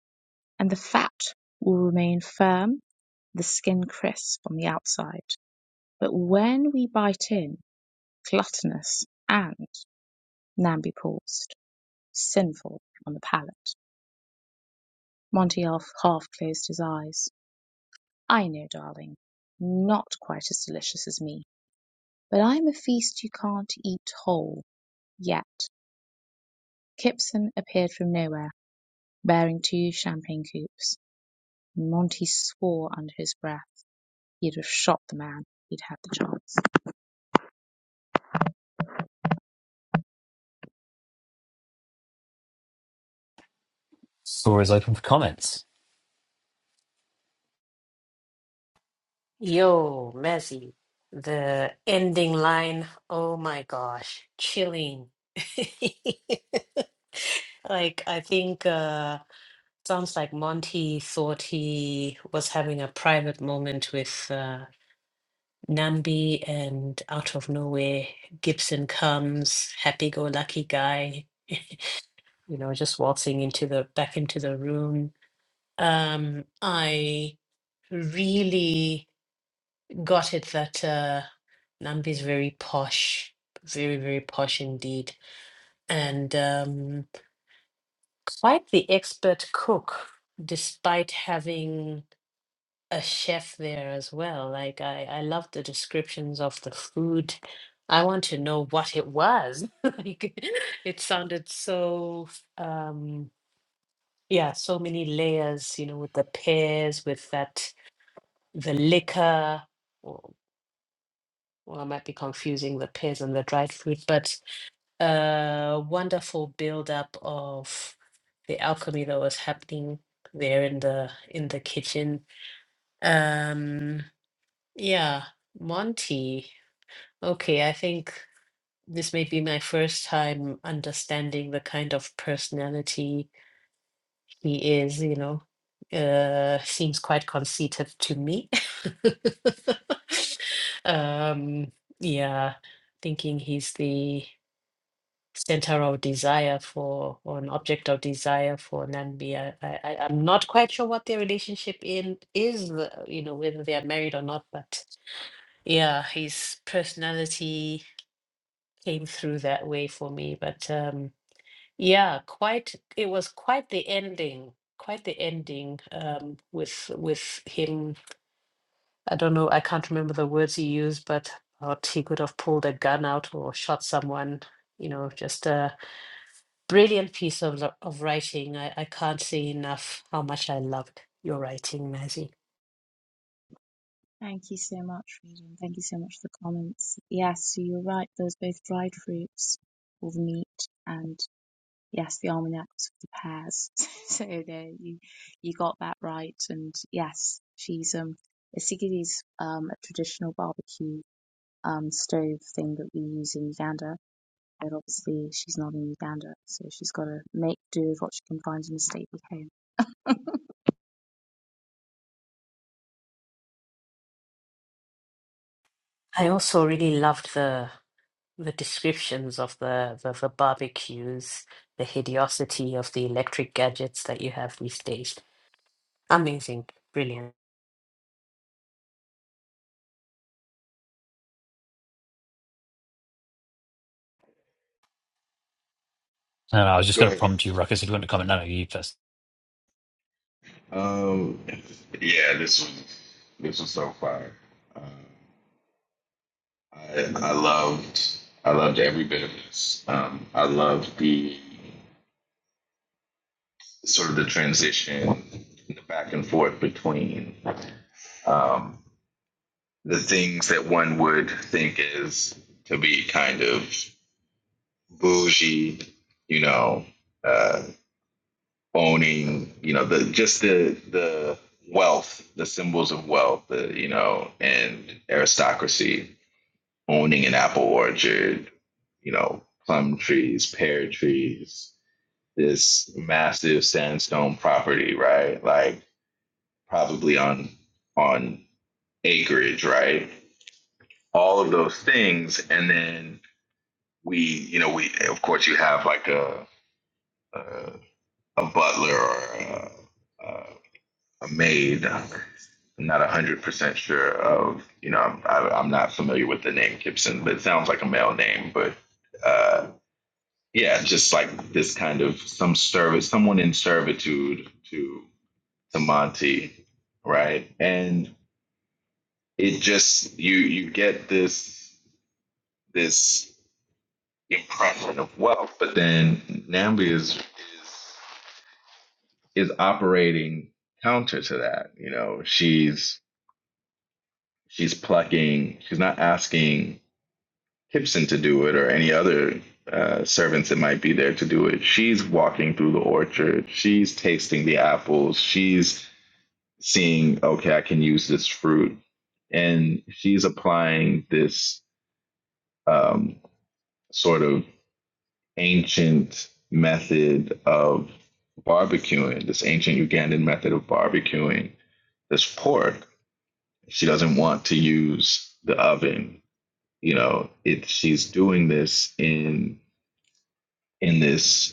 S3: and the fat will remain firm, the skin crisp on the outside. But when we bite in, gluttonous and Namby paused, sinful, on the pallet. Monty half closed his eyes. "I know, darling. Not quite as delicious as me. But I'm a feast you can't eat whole yet." Kipson appeared from nowhere, bearing two champagne coupes, Monty swore under his breath he'd have shot the man if he'd had the chance.
S1: Floor is open for comments.
S2: Yo, Mazzy. The ending line, oh my gosh, chilling. Like, I think uh, sounds like Monty thought he was having a private moment with uh, Nambi, and out of nowhere, Gibson comes, happy-go-lucky guy, you know, just waltzing into the back into the room. Um, I really got it that uh, Nambi is very posh, very, very posh indeed, and um, quite the expert cook, despite having a chef there as well. Like I, I love the descriptions of the food. I want to know what it was. like it sounded so um yeah, so many layers, you know, with the pears, with that the liquor. Or, well, I might be confusing the pears and the dried fruit, but a wonderful build-up of the alchemy that was happening there in the in the kitchen. Um Yeah, Monty. Okay, I think this may be my first time understanding the kind of personality he is, you know. Uh, seems quite conceited to me. Um, yeah, thinking he's the center of desire for or an object of desire for Nambi. I, I, I- I'm not quite sure what their relationship in is, uh, you know, whether they are married or not, but yeah, his personality came through that way for me. But um, yeah, quite it was quite the ending, quite the ending um, with with him. I don't know, I can't remember the words he used, but thought he could have pulled a gun out or shot someone. You know, just a brilliant piece of lo- of writing. I, I can't say enough how much I loved your writing, Mazzy.
S3: Thank you so much, Reading. Thank you so much for the comments. Yes, so you're right. There was both dried fruits for the meat, and yes, the almanac was for the pears. so there, you you got that right. And yes, she's um, a Sigiri's um, a traditional barbecue um stove thing that we use in Uganda. But obviously, she's not in Uganda, so she's got to make do with what she can find in the stately home.
S2: I also really loved the the descriptions of the, the the barbecues, the hideosity of the electric gadgets that you have these days. Amazing, brilliant.
S1: No, no, I was just
S4: Go
S1: going to
S4: ahead.
S1: prompt you, Ruckus, if you want to comment. No, no, you first.
S4: Um, yeah, this was this was so fire. Um, I I loved I loved every bit of this. Um, I loved the sort of the transition, the back and forth between. Um. the things that one would think is to be kind of bougie, you know, uh, owning, you know, the just the the wealth, the symbols of wealth, the, you know, and aristocracy, owning an apple orchard, you know, plum trees, pear trees, this massive sandstone property, right? Like probably on on acreage, right? All of those things, and then we, you know, we of course you have like a a, a butler or a, a, a maid. I'm not one hundred percent sure of, you know, I'm, I, I'm not familiar with the name Gibson, but it sounds like a male name. But uh, yeah, just like this kind of some service, someone in servitude to to Monty, right? And it just you you get this this impression of wealth, but then Nambi is is is operating counter to that. You know, she's she's plucking. She's not asking Gibson to do it or any other uh, servants that might be there to do it. She's walking through the orchard. She's tasting the apples. She's seeing, okay, I can use this fruit, and she's applying this um, sort of ancient method of barbecuing, this ancient Ugandan method of barbecuing this pork She doesn't want to use the oven. You know, it, she's doing this in in this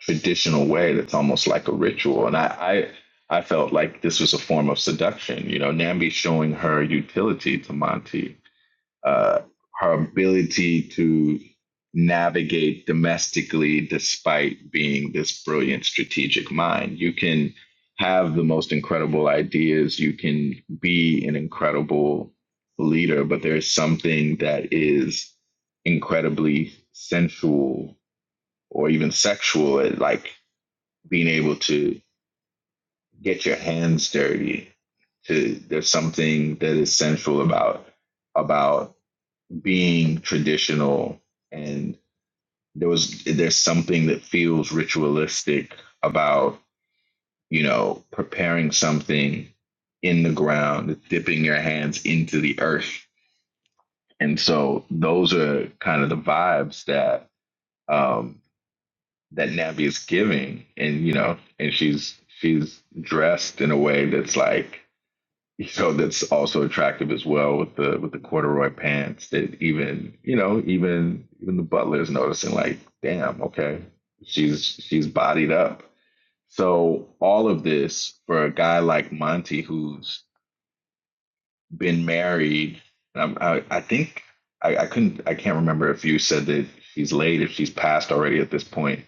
S4: traditional way that's almost like a ritual. And I, I I felt like this was a form of seduction. You know, Nambi showing her utility to Monty uh, her ability to navigate domestically despite being this brilliant strategic mind. You can have the most incredible ideas, you can be an incredible leader, but there's something that is incredibly sensual or even sexual at like being able to get your hands dirty. To, there's something that is sensual about about being traditional and there was there's something that feels ritualistic about you know preparing something in the ground dipping your hands into the earth and so those are kind of the vibes that um that Navi is giving and you know and she's she's dressed in a way that's like So that's also attractive as well with the with the corduroy pants that even you know even even the butler is noticing like damn okay she's she's bodied up so all of this for a guy like Monty who's been married um, I I think I, I couldn't I can't remember if you said that she's late if she's passed already at this point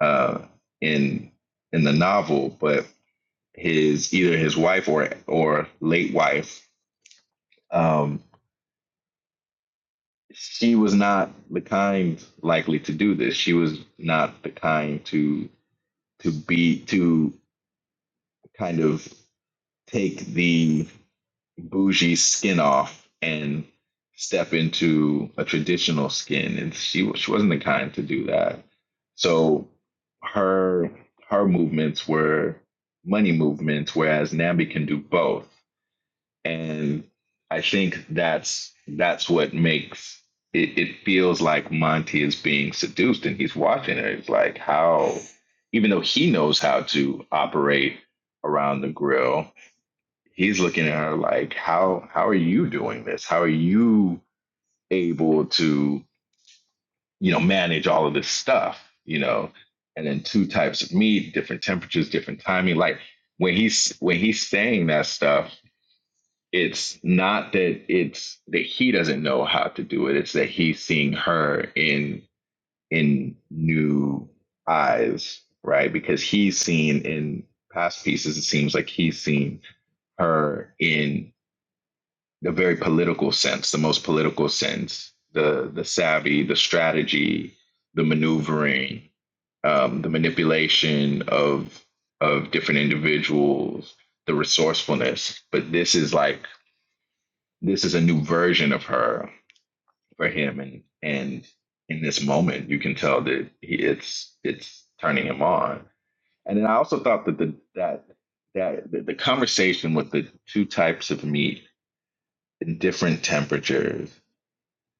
S4: uh in in the novel but his either his wife or or late wife um she was not the kind likely to do this. She was not the kind to to be to kind of take the bougie skin off and step into a traditional skin. And she she wasn't the kind to do that. So her her movements were money movements, whereas Nambi can do both and I think that's that's what makes it. It feels like Monty is being seduced, and he's watching it. It's like how, even though he knows how to operate around the grill, he's looking at her like, how how are you doing this? How are you able to you know manage all of this stuff? You know, and then two types of meat, different temperatures, different timing. Like when he's when he's saying that stuff it's not that it's that he doesn't know how to do it it's that he's seeing her in in new eyes right because he's seen in past pieces it seems like he's seen her in the very political sense the most political sense the the savvy the strategy the maneuvering um, the manipulation of of different individuals the resourcefulness but this is like this is a new version of her for him and and in this moment you can tell that he, it's it's turning him on and then i also thought that the that that the, the conversation with the two types of meat in different temperatures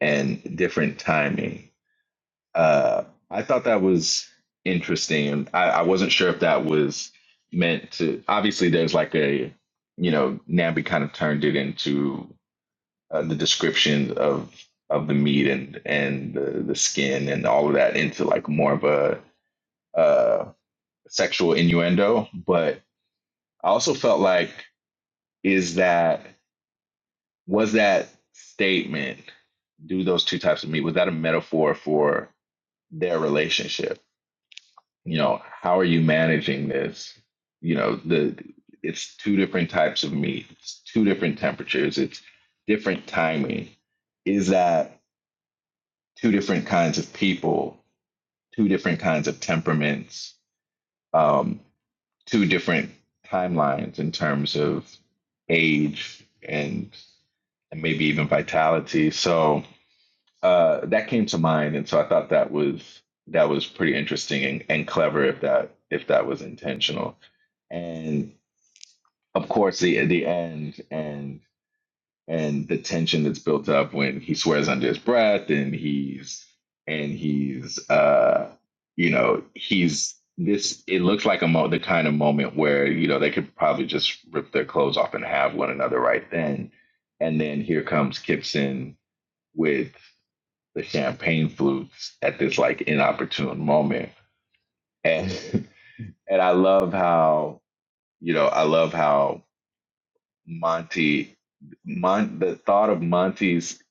S4: and different timing uh i thought that was interesting and i, I wasn't sure if that was meant to obviously there's like a you know nabi kind of turned it into uh, the descriptions of of the meat and and the, the skin and all of that into like more of a uh, sexual innuendo. But I also felt like is that was that statement do those two types of meat was that a metaphor for their relationship? You know, how are you managing this? You know, the it's two different types of meat. It's two different temperatures. It's different timing. Is that two different kinds of people two different kinds of temperaments, um, two different timelines in terms of age and, and maybe even vitality. So uh, that came to mind, and so I thought that was that was pretty interesting and, and clever if that if that was intentional. And of course, the the end and and the tension that's built up when he swears under his breath and he's and he's uh you know he's this it looks like a mo- the kind of moment where you know they could probably just rip their clothes off and have one another right then and then here comes Gibson with the champagne flutes at this like inopportune moment and and I love how you know I love how Monty Mon- the thought of Monty's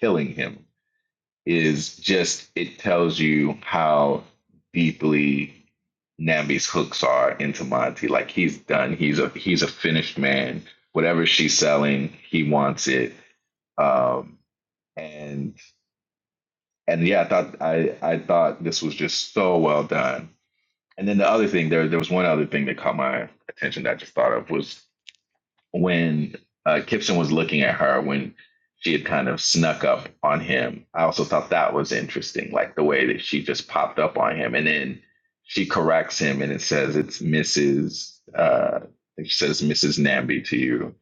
S4: killing him is just it tells you how deeply Nambi's hooks are into Monty. Like he's done. He's a he's a finished man. Whatever she's selling, he wants it. Um, and and yeah, I thought I I thought this was just so well done. And then the other thing there there was one other thing that caught my attention that I just thought of was when uh, Kipson was looking at her when she had kind of snuck up on him. I also thought that was interesting, like the way that she just popped up on him, and then she corrects him, and it says it's Mrs. Uh, she says Mrs. Namby to you,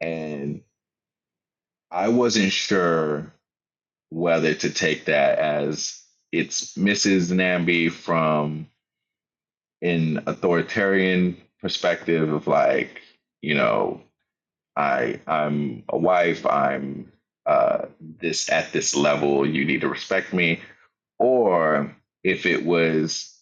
S4: and I wasn't sure whether to take that as it's Mrs. Namby from an authoritarian perspective of like you know I I'm a wife. I'm uh, this at this level. You need to respect me. Or if it was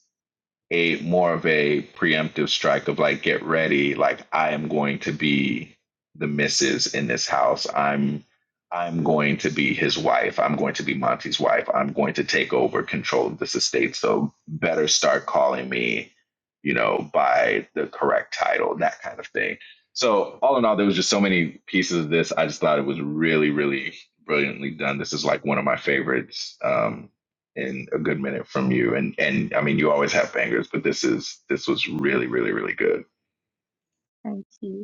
S4: a more of a preemptive strike of like get ready like i am going to be the missus in this house i'm i'm going to be his wife i'm going to be monty's wife i'm going to take over control of this estate so better start calling me you know by the correct title that kind of thing so all in all there was just so many pieces of this i just thought it was really really brilliantly done this is like one of my favorites um in a good minute from you. And and I mean, you always have bangers, but this is this was really, really, really good.
S3: Thank you.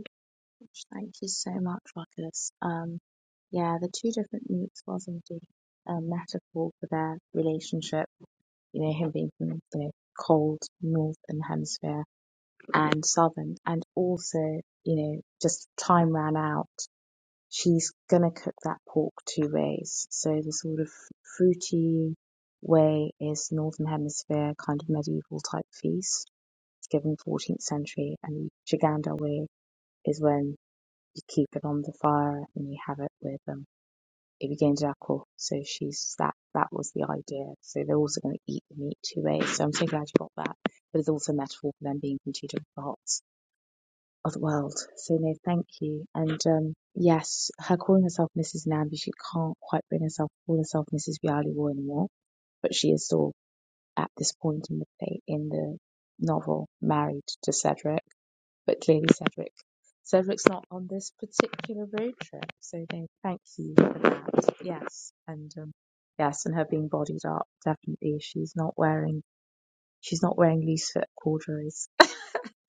S3: Gosh, Thank you so much, Ruckus. Um, yeah, the two different moods was indeed a metaphor for their relationship, you know, him being from the cold northern hemisphere and southern, and also, you know, just time ran out. She's gonna cook that pork two ways. So the sort of fruity way is northern hemisphere kind of medieval type feast, given 14th century, and the Chaganda way is when you keep it on the fire and you have it with them. it begins to jackal. So she's that that was the idea. So they're also going to eat the meat two ways. So I'm so glad you got that. But it's also a metaphor for them being from two different parts of the world. So no, thank you. And um yes, her calling herself Mrs. Namby, she can't quite bring herself to call herself Mrs. Bialy anymore. But she is still at this point in the in the novel married to Cedric but clearly Cedric, Cedric's not on this particular road trip, so no, thank you for that. Yes, and um, yes, and her being bodied up, definitely. She's not wearing she's not wearing loose fit corduroys.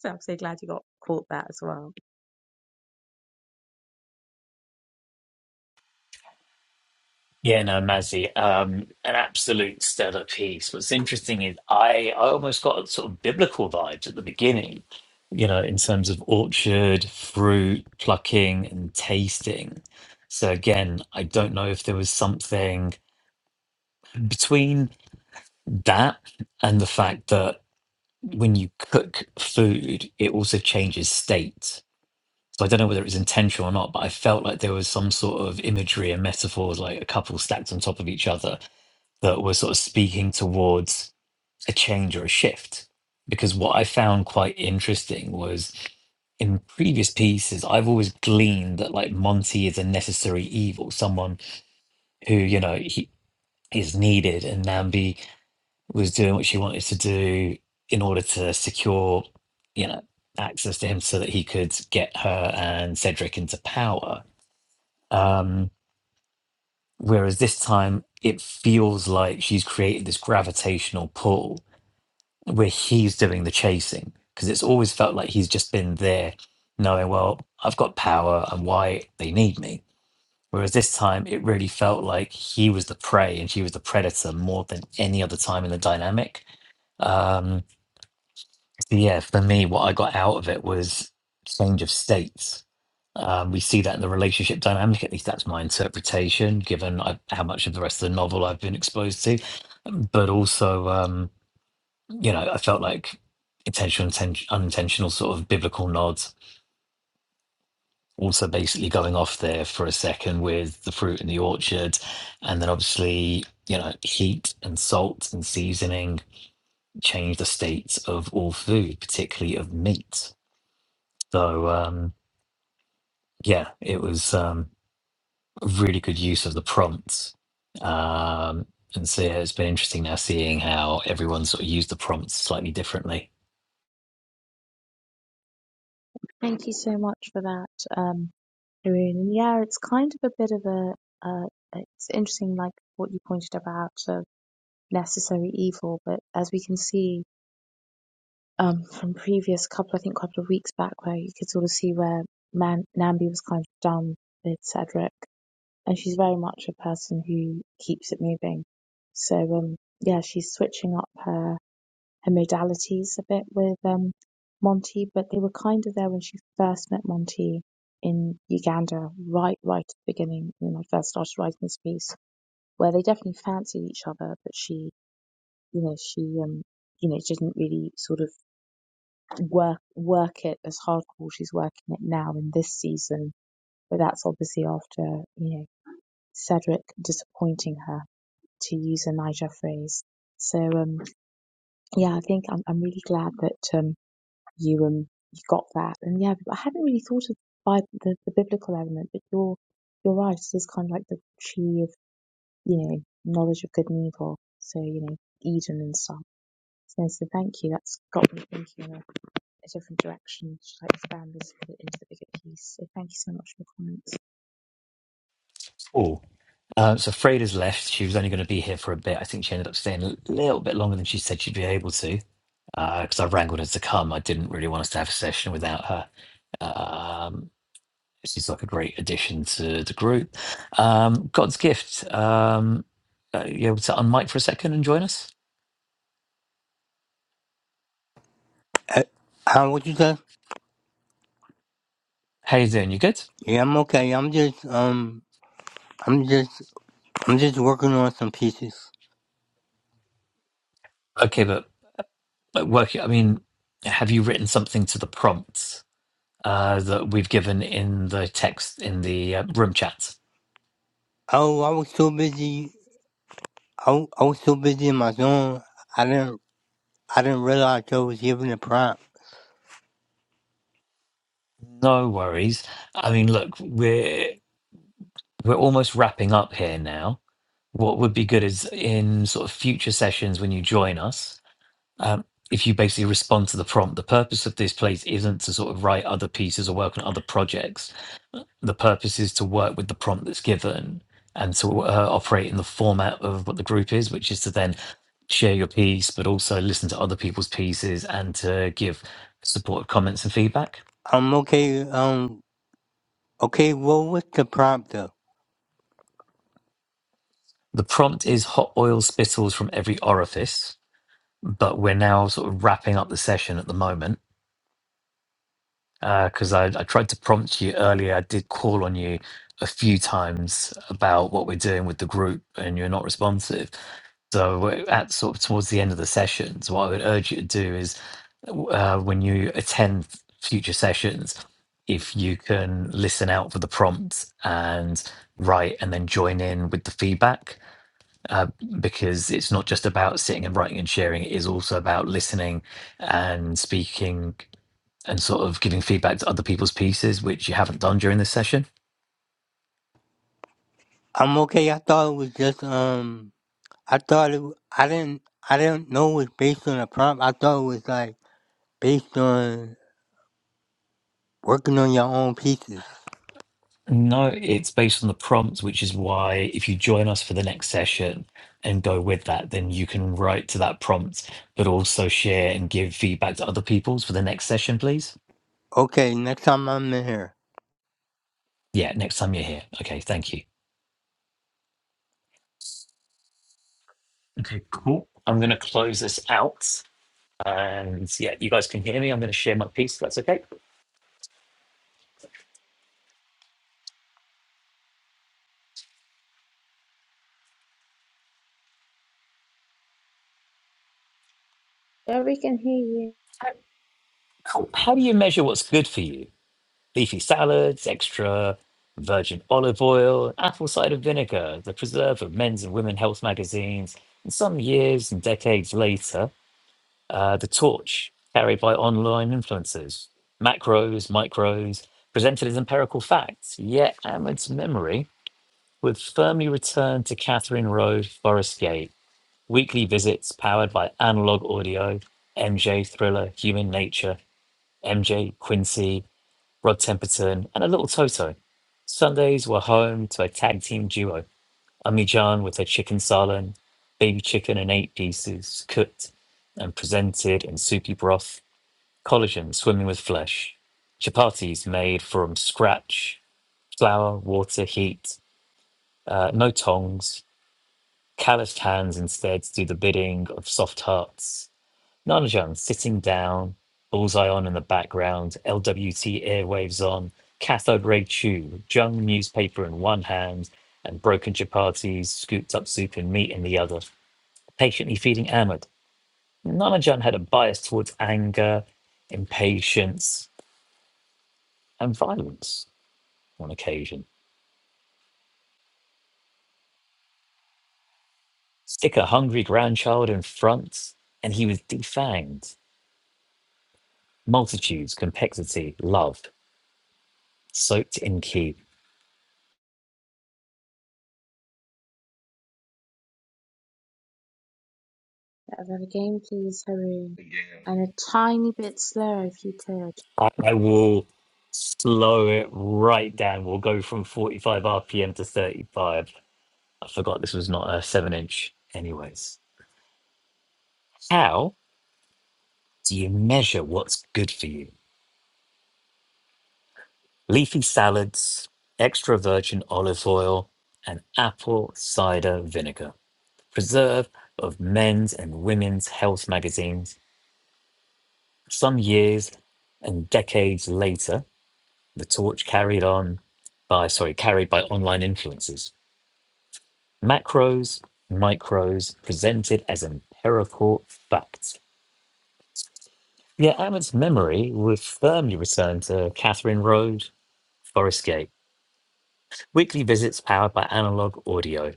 S3: So I'm so glad you got caught that as well.
S1: Yeah, no, Mazzy, um, an absolute stellar piece. What's interesting is I, I almost got sort of biblical vibes at the beginning, you know, in terms of orchard, fruit, plucking, and tasting. So again, I don't know if there was something between that and the fact that when you cook food, it also changes state. So I don't know whether it was intentional or not, but I felt like there was some sort of imagery and metaphors, like a couple stacked on top of each other that were sort of speaking towards a change or a shift. Because what I found quite interesting was in previous pieces, I've always gleaned that like Monty is a necessary evil, someone who, you know, he is needed and Nambi was doing what she wanted to do in order to secure, you know, access to him so that he could get her and Cedric into power. Um, whereas this time it feels like she's created this gravitational pull where he's doing the chasing because it's always felt like he's just been there knowing well i've got power and why they need me whereas this time it really felt like he was the prey and she was the predator more than any other time in the dynamic um so yeah for me what i got out of it was change of states um, we see that in the relationship dynamic at least that's my interpretation given I, how much of the rest of the novel i've been exposed to but also um, you know, I felt like intentional, inten- unintentional sort of biblical nods. Also, basically going off there for a second with the fruit in the orchard, and then obviously, you know, heat and salt and seasoning change the state of all food, particularly of meat. So, um, yeah, it was um, a really good use of the prompts. Um, and so, yeah, it's been interesting now seeing how everyone sort of used the prompts slightly differently.
S3: Thank you so much for that, um, Haroon. And yeah, it's kind of a bit of a uh, it's interesting, like what you pointed about of necessary evil, but as we can see um, from previous couple, I think couple of weeks back, where you could sort of see where Man- Nambi was kind of done with Cedric, and she's very much a person who keeps it moving. So um, yeah, she's switching up her her modalities a bit with um, Monty, but they were kind of there when she first met Monty in Uganda, right right at the beginning when I first started writing this piece, where they definitely fancied each other, but she, you know, she um, you know, didn't really sort of work work it as hardcore she's working it now in this season. But that's obviously after you know Cedric disappointing her, to use a Niger phrase. So um, yeah, I think I'm I'm really glad that um, you um you got that. And yeah, I hadn't really thought of Bi- the, the biblical element, but you're you're right. It is kind of like the tree of you know knowledge of good and evil. So you know Eden and stuff. So, so thank you. That's got me thinking. a different direction to like expand this into into the bigger piece. So thank you so much for the comments.
S1: Cool. Uh, so Freda's left. She was only going to be here for a bit. I think she ended up staying a little bit longer than she said she'd be able to. Because I wrangled her to come. I didn't really want us to have a session without her. Um, she's like a great addition to the group. Um, God's gift. Um, uh, you able to unmic for a second and join us?
S5: Uh, How would you say?
S1: How you doing? You good?
S5: Yeah, I'm okay. I'm just um, I'm just I'm just working on some pieces.
S1: Okay, but, but work. I mean, have you written something to the prompts uh, that we've given in the text in the uh, room chat?
S5: Oh, I was so busy. I, wa- I was so busy in my zone. I didn't I didn't realize I was given a prompt.
S1: No worries. I mean, look, we're we're almost wrapping up here now. What would be good is in sort of future sessions when you join us, um, if you basically respond to the prompt. The purpose of this place isn't to sort of write other pieces or work on other projects. The purpose is to work with the prompt that's given and to uh, operate in the format of what the group is, which is to then share your piece, but also listen to other people's pieces and to give supportive comments and feedback.
S5: I'm okay. Um, okay. Well, what's the prompt though?
S1: The prompt is hot oil spittles from every orifice, but we're now sort of wrapping up the session at the moment because I, I tried to prompt you earlier. I did call on you a few times about what we're doing with the group, and you're not responsive. So we're at sort of towards the end of the session, so what I would urge you to do is uh, when you attend future sessions, if you can listen out for the prompts and write and then join in with the feedback because it's not just about sitting and writing and sharing it is also about listening and speaking and sort of giving feedback to other people's pieces which you haven't done during this session
S5: I'm okay. I thought it was just um, I thought it. I didn't I didn't know it was based on a prompt. I thought it was like based on working on your own pieces.
S1: no it's based on the prompts which is why if you join us for the next session and go with that then you can write to that prompt but also share and give feedback to other people's for the next session please
S5: Okay, next time I'm in here.
S1: yeah next time you're here okay thank you okay cool i'm going to close this out and yeah you guys can hear me i'm going to share my piece if that's okay
S3: Yeah, we can hear you.
S1: How, how do you measure what's good for you? Leafy salads, extra virgin olive oil, apple cider vinegar, the preserve of men's and women's health magazines. And some years and decades later, uh, the torch carried by online influencers, macros, micros, presented as empirical facts. Yet Ahmed's memory would firmly return to Catherine Road, Forest Gate, weekly visits powered by analog audio, MJ Thriller, Human Nature, MJ Quincy, Rod Temperton, and a little Toto. Sundays were home to a tag team duo, Ummi Jan with her chicken salad, baby chicken in eight pieces, cooked and presented in soupy broth, collagen swimming with flesh, chapatis made from scratch, flour, water, heat, uh, no tongs, calloused hands instead do the bidding of soft hearts Nana Jan sitting down, Bullseye on in the background, LWT airwaves on, cathode ray tube, Jung newspaper in one hand, and broken chapatis, scooped up soup and meat in the other, patiently feeding Ahmed. Nana Jan had a bias towards anger, impatience, and violence on occasion. Stick a hungry grandchild in front, and he was defanged. Multitudes, complexity, love, soaked in ki.
S3: Another game, please, Haroon.
S4: Again,
S3: And a tiny bit slower if you could.
S1: I, I will slow it right down. We'll go from 45 RPM to 35. I forgot this was not a seven inch, anyways. How do you measure what's good for you? Leafy salads, extra virgin olive oil, and apple cider vinegar. Preserve of men's and women's health magazines. Some years and decades later, the torch carried on by, sorry, carried by online influencers Macros, micros, presented as empirical facts. Yet Abbott's memory would firmly return to Catherine Road, Forest Gate, weekly visits powered by analog audio,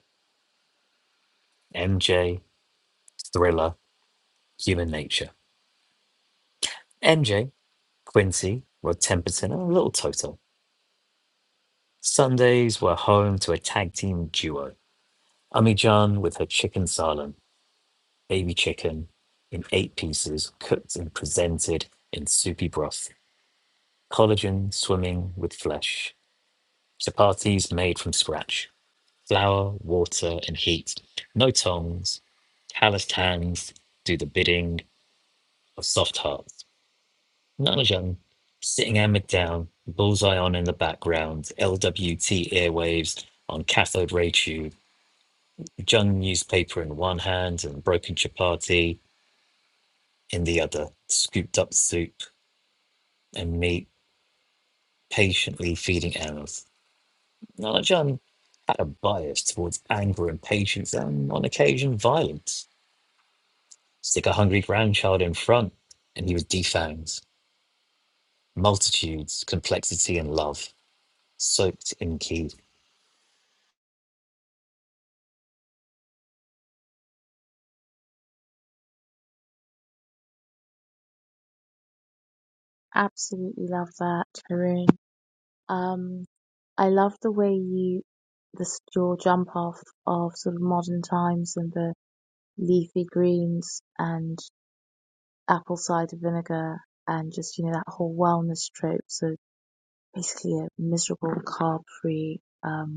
S1: MJ, Thriller, Human Nature. MJ, Quincy, Rod Temperton, and a Little Toto. Sundays were home to a tag team duo. Ummy John with her chicken salad, baby chicken, in eight pieces, cooked and presented in soupy broth. collagen swimming with flesh, chapatis made from scratch, flour, water, and heat. No tongs, calloused hands do the bidding of soft hearts. Nanajang, sitting hammered down, bullseye on in the background, LWT airwaves on cathode ray tube, Jung newspaper in one hand and broken chapati in the other, scooped up soup and meat patiently feeding animals. Nana John had a bias towards anger, impatience, and on occasion violence. Stick a hungry grandchild in front, and he was defanged. multitudes, complexity, and love, soaked in key.
S3: Absolutely love that, Haroon. Um, I love the way you, this your jump off of sort of modern times and the leafy greens and apple cider vinegar and just you know that whole wellness trope. So basically a miserable carb-free um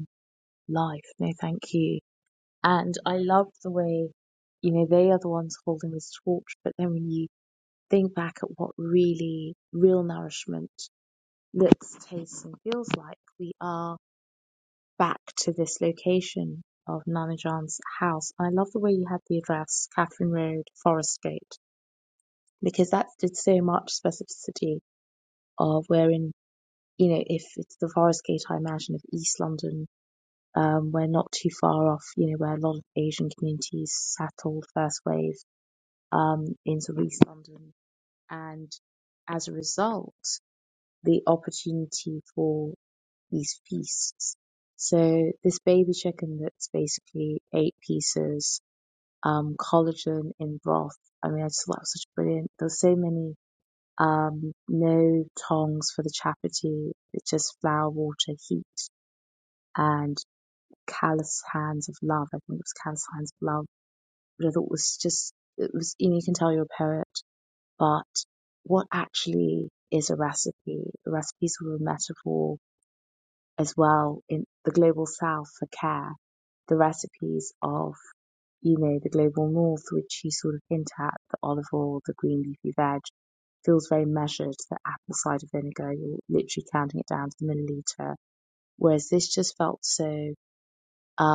S3: life. No, thank you. And I love the way, you know, they are the ones holding this torch. But then when you think back at what really real nourishment looks, tastes, and feels like, we are back to this location of Nana John's house. And I love the way you had the address, Catherine Road, Forest Gate, because that did so much specificity of wherein, you know, if it's the Forest Gate, I imagine of East London Um, we're not too far off, you know, where a lot of Asian communities settled first wave um, into East London. And as a result, the opportunity for these feasts. So this baby chicken that's basically eight pieces, um, collagen in broth. I mean, I just thought that was such brilliant. There's so many, um, no tongs for the chapati. It's just flour, water, heat, and Callous Hands of Love. I think it was Callous Hands of Love, But I thought was just, it was, You know, you can tell you're a poet, but what actually is a recipe? A recipe is a metaphor as well in the global south for care. The recipes of, you know, the global north, which you sort of hint at, the olive oil, the green leafy veg, feels very measured. The apple cider vinegar, you're literally counting it down to the milliliter. Whereas this just felt so,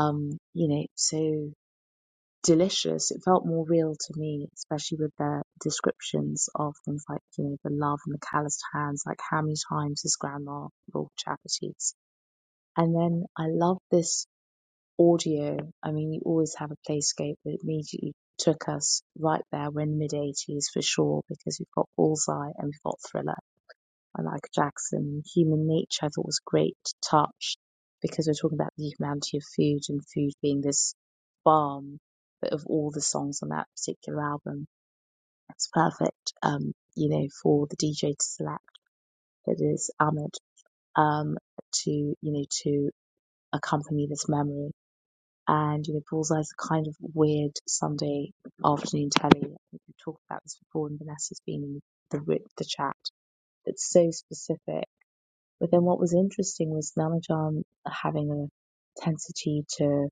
S3: um, you know, so delicious. It felt more real to me, especially with their descriptions of things like, you know, the love and the calloused hands, like how many times his grandma rolled charities. And then I love this audio. I mean, you always have a playscape that immediately took us right there. We're in mid 80s for sure because we've got Bullseye and we've got Thriller by Michael Jackson. Human Nature, I thought was a great touch because we're talking about the humanity of food and food being this balm. But of all the songs on that particular album, it's perfect, um, you know, for the DJ to select. It is Ahmed um, to, you know, to accompany this memory. And, you know, Bullseye's a kind of weird Sunday afternoon telly. I think we talked about this before, and Vanessa's been in the, the chat. It's so specific But then what was interesting was Namajan having a tendency to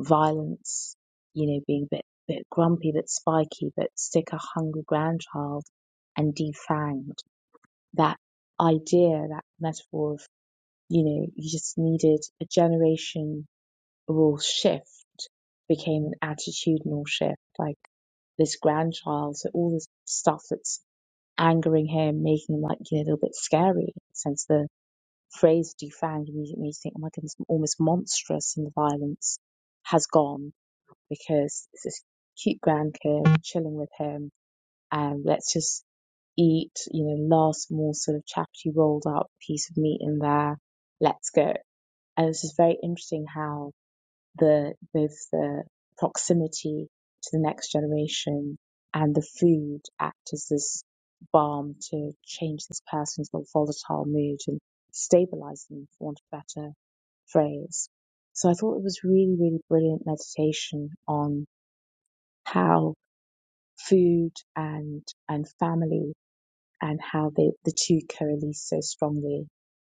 S3: violence, you know, being a bit, bit grumpy, bit spiky, but stick a hungry grandchild and defanged. That idea, that metaphor of, you know, you just needed a generational shift became an attitudinal shift. Like this grandchild, so all this stuff that's angering him, making him like, you know, a little bit scary, since the phrase defanged immediately made you think, oh my goodness, almost monstrous in the violence has gone because it's this cute grandkid chilling with him and let's just eat, you know, last more sort of chapati rolled up piece of meat in there. Let's go. And it's just very interesting how the both the proximity to the next generation and the food act as this balm to change this person's more volatile mood and stabilize them, for want of a better phrase. So I thought it was really, really brilliant meditation on how food and and family and how they, the two coalesce so strongly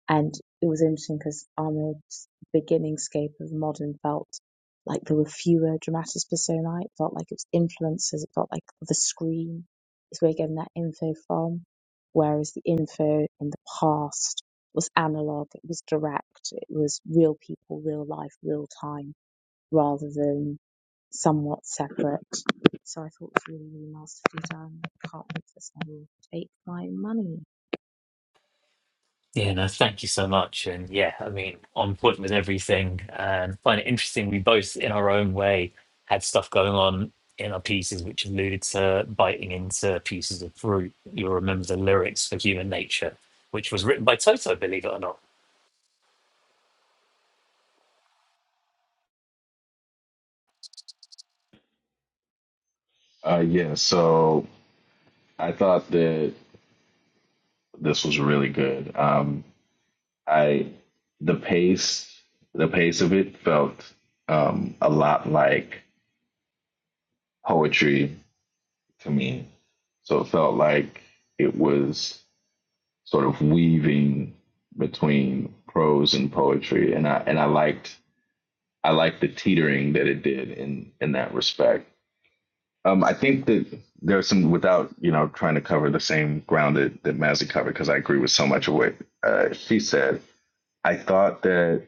S3: and it was interesting because Ahmed's beginning scape of modern felt like there were fewer dramatis personae. It felt like it was influences. It felt like the screen is where you're getting that info from. Whereas the info in the past was analog, it was direct, it was real people, real life, real time, rather than somewhat separate. So I thought it was really, really masterfully done. I can't wait for this. I will take my money.
S1: Yeah, no, thank you so much. And yeah, I mean, on point with everything. And find it interesting, we both, in our own way, had stuff going on in our pieces which alluded to biting into pieces of fruit. You'll remember the lyrics for Human Nature, which was written by Toto, believe it or not
S4: uh, yeah. So I thought that this was really good. Um, I the pace, the pace of it felt um, a lot like poetry to me. So it felt like it was sort of weaving between prose and poetry, and I and I liked I like the teetering that it did in in that respect. Um, I think that there's some without you know trying to cover the same ground that that Mazzy covered because I agree with so much of what uh, she said. I thought that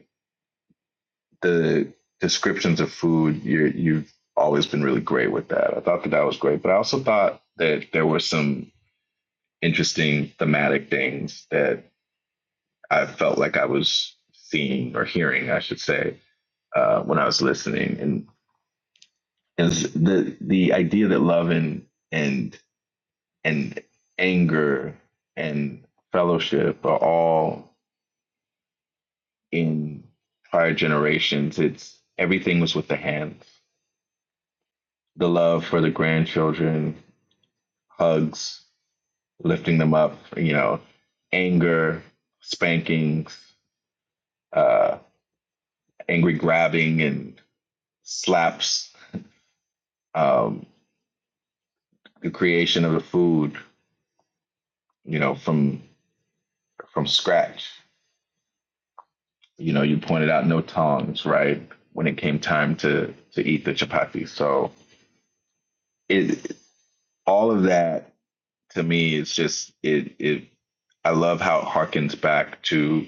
S4: the descriptions of food you you've always been really great with that. I thought that that was great, but I also thought that there were some interesting thematic things that I felt like I was seeing or hearing, I should say, uh, when I was listening. and. is the the idea that love and and and anger and fellowship are all in prior generations. It's everything was with the hands. The love for the grandchildren, hugs, lifting them up, you know, anger, spankings, uh, angry grabbing and slaps, um, the creation of the food, you know, from from scratch you know, you pointed out no tongs, right? When it came time to to eat the chapati. So it all of that to me is just it it I love how it harkens back to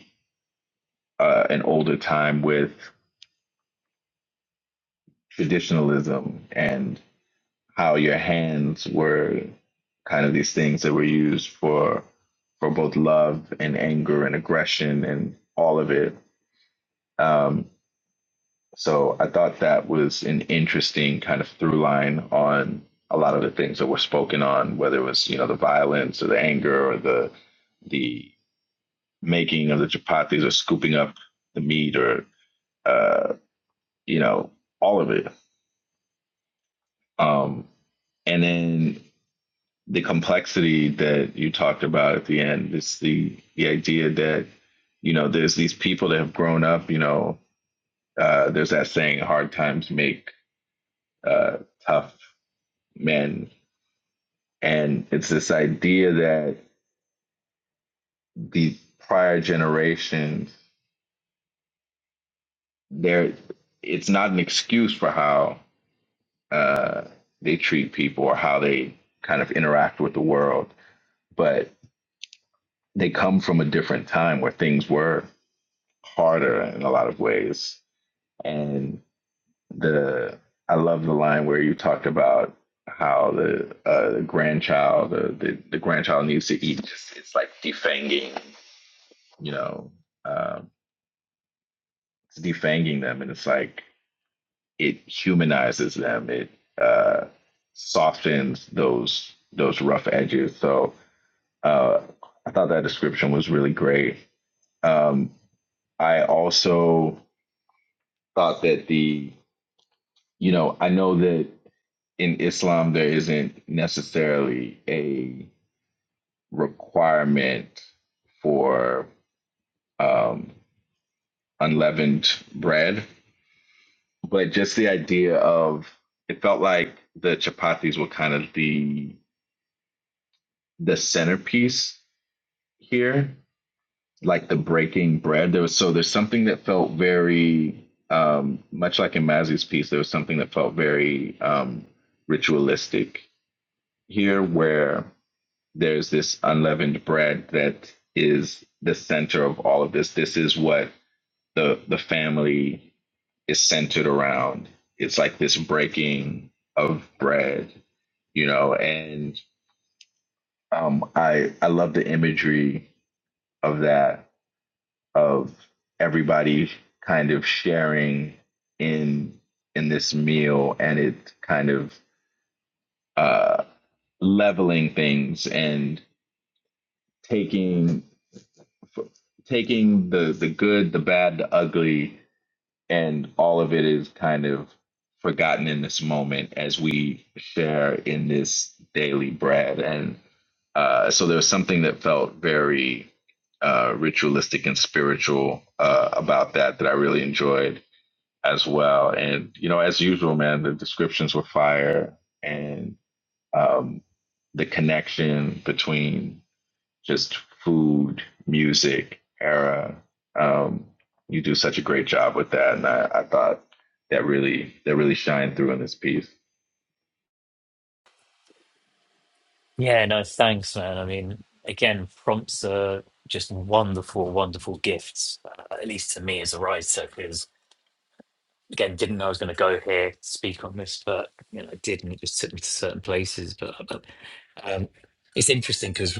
S4: uh, an older time with traditionalism and how your hands were kind of these things that were used for for both love and anger and aggression and all of it. Um, So I thought that was an interesting kind of through line on a lot of the things that were spoken on, whether it was you know the violence or the anger or the the making of the chapatis or scooping up the meat or uh, you know all of it. Um, and then the complexity that you talked about at the end is the the idea that you know there's these people that have grown up. You know, uh, there's that saying, "Hard times make uh, tough men and it's this idea that the prior generations there it's not an excuse for how uh, they treat people or how they kind of interact with the world but they come from a different time where things were harder in a lot of ways and the i love the line where you talked about how the, uh, the grandchild the, the, the grandchild needs to eat it's like defanging you know uh, it's defanging them, and it's like it humanizes them. It uh, softens those those rough edges. So uh, I thought that description was really great. Um, I also thought that the you know I know that in Islam there isn't necessarily a requirement for um, unleavened bread but just the idea of it felt like the chapatis were kind of the the centerpiece here like the breaking bread there was so there's something that felt very um much like in mazzy's piece there was something that felt very um ritualistic here where there's this unleavened bread that is the center of all of this this is what the the family is centered around. It's like this breaking of bread, you know, and um, I I love the imagery of that of everybody kind of sharing in in this meal and it kind of uh, leveling things and taking taking the the good, the bad, the ugly, and all of it is kind of forgotten in this moment as we share in this daily bread and uh, so there was something that felt very uh, ritualistic and spiritual uh, about that that i really enjoyed as well and you know as usual man the descriptions were fire and um, the connection between just food, music, era. Um, you do such a great job with that, and I, I thought that really that really shined through in this piece.
S1: Yeah, no, thanks, man. I mean, again, prompts are just wonderful, wonderful gifts, uh, at least to me as a writer, because again, didn't know I was going to go here, speak on this, but you know, I did, and it just took me to certain places. But, but um, it's interesting because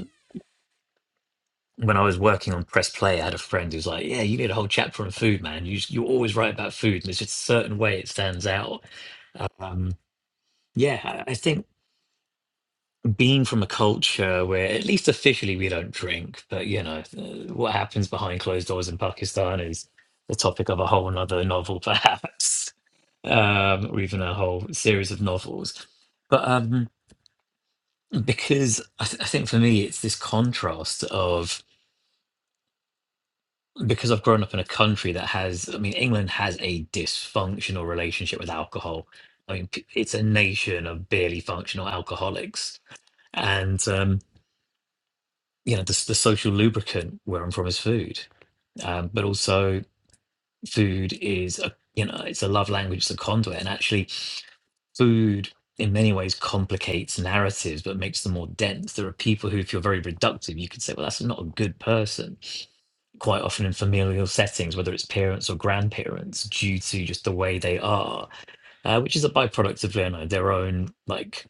S1: when I was working on Press Play, I had a friend who's like, "Yeah, you need a whole chapter on food, man. You you always write about food, and there's just a certain way it stands out." Um, yeah, I I think. being from a culture where at least officially we don't drink, but you know, uh, what happens behind closed doors in Pakistan is the topic of a whole nother novel, perhaps, um, or even a whole series of novels. But um, because I, th- I think for me, it's this contrast of because I've grown up in a country that has, I mean, England has a dysfunctional relationship with alcohol. I mean, p- it's a nation of barely functional alcoholics. And um, you know, the, the social lubricant where I'm from is food, um, but also food is a you know it's a love language, it's a conduit, and actually food in many ways complicates narratives but makes them more dense. There are people who, if you're very reductive, you could say, well, that's not a good person. Quite often in familial settings, whether it's parents or grandparents, due to just the way they are, uh, which is a byproduct of you know, their own like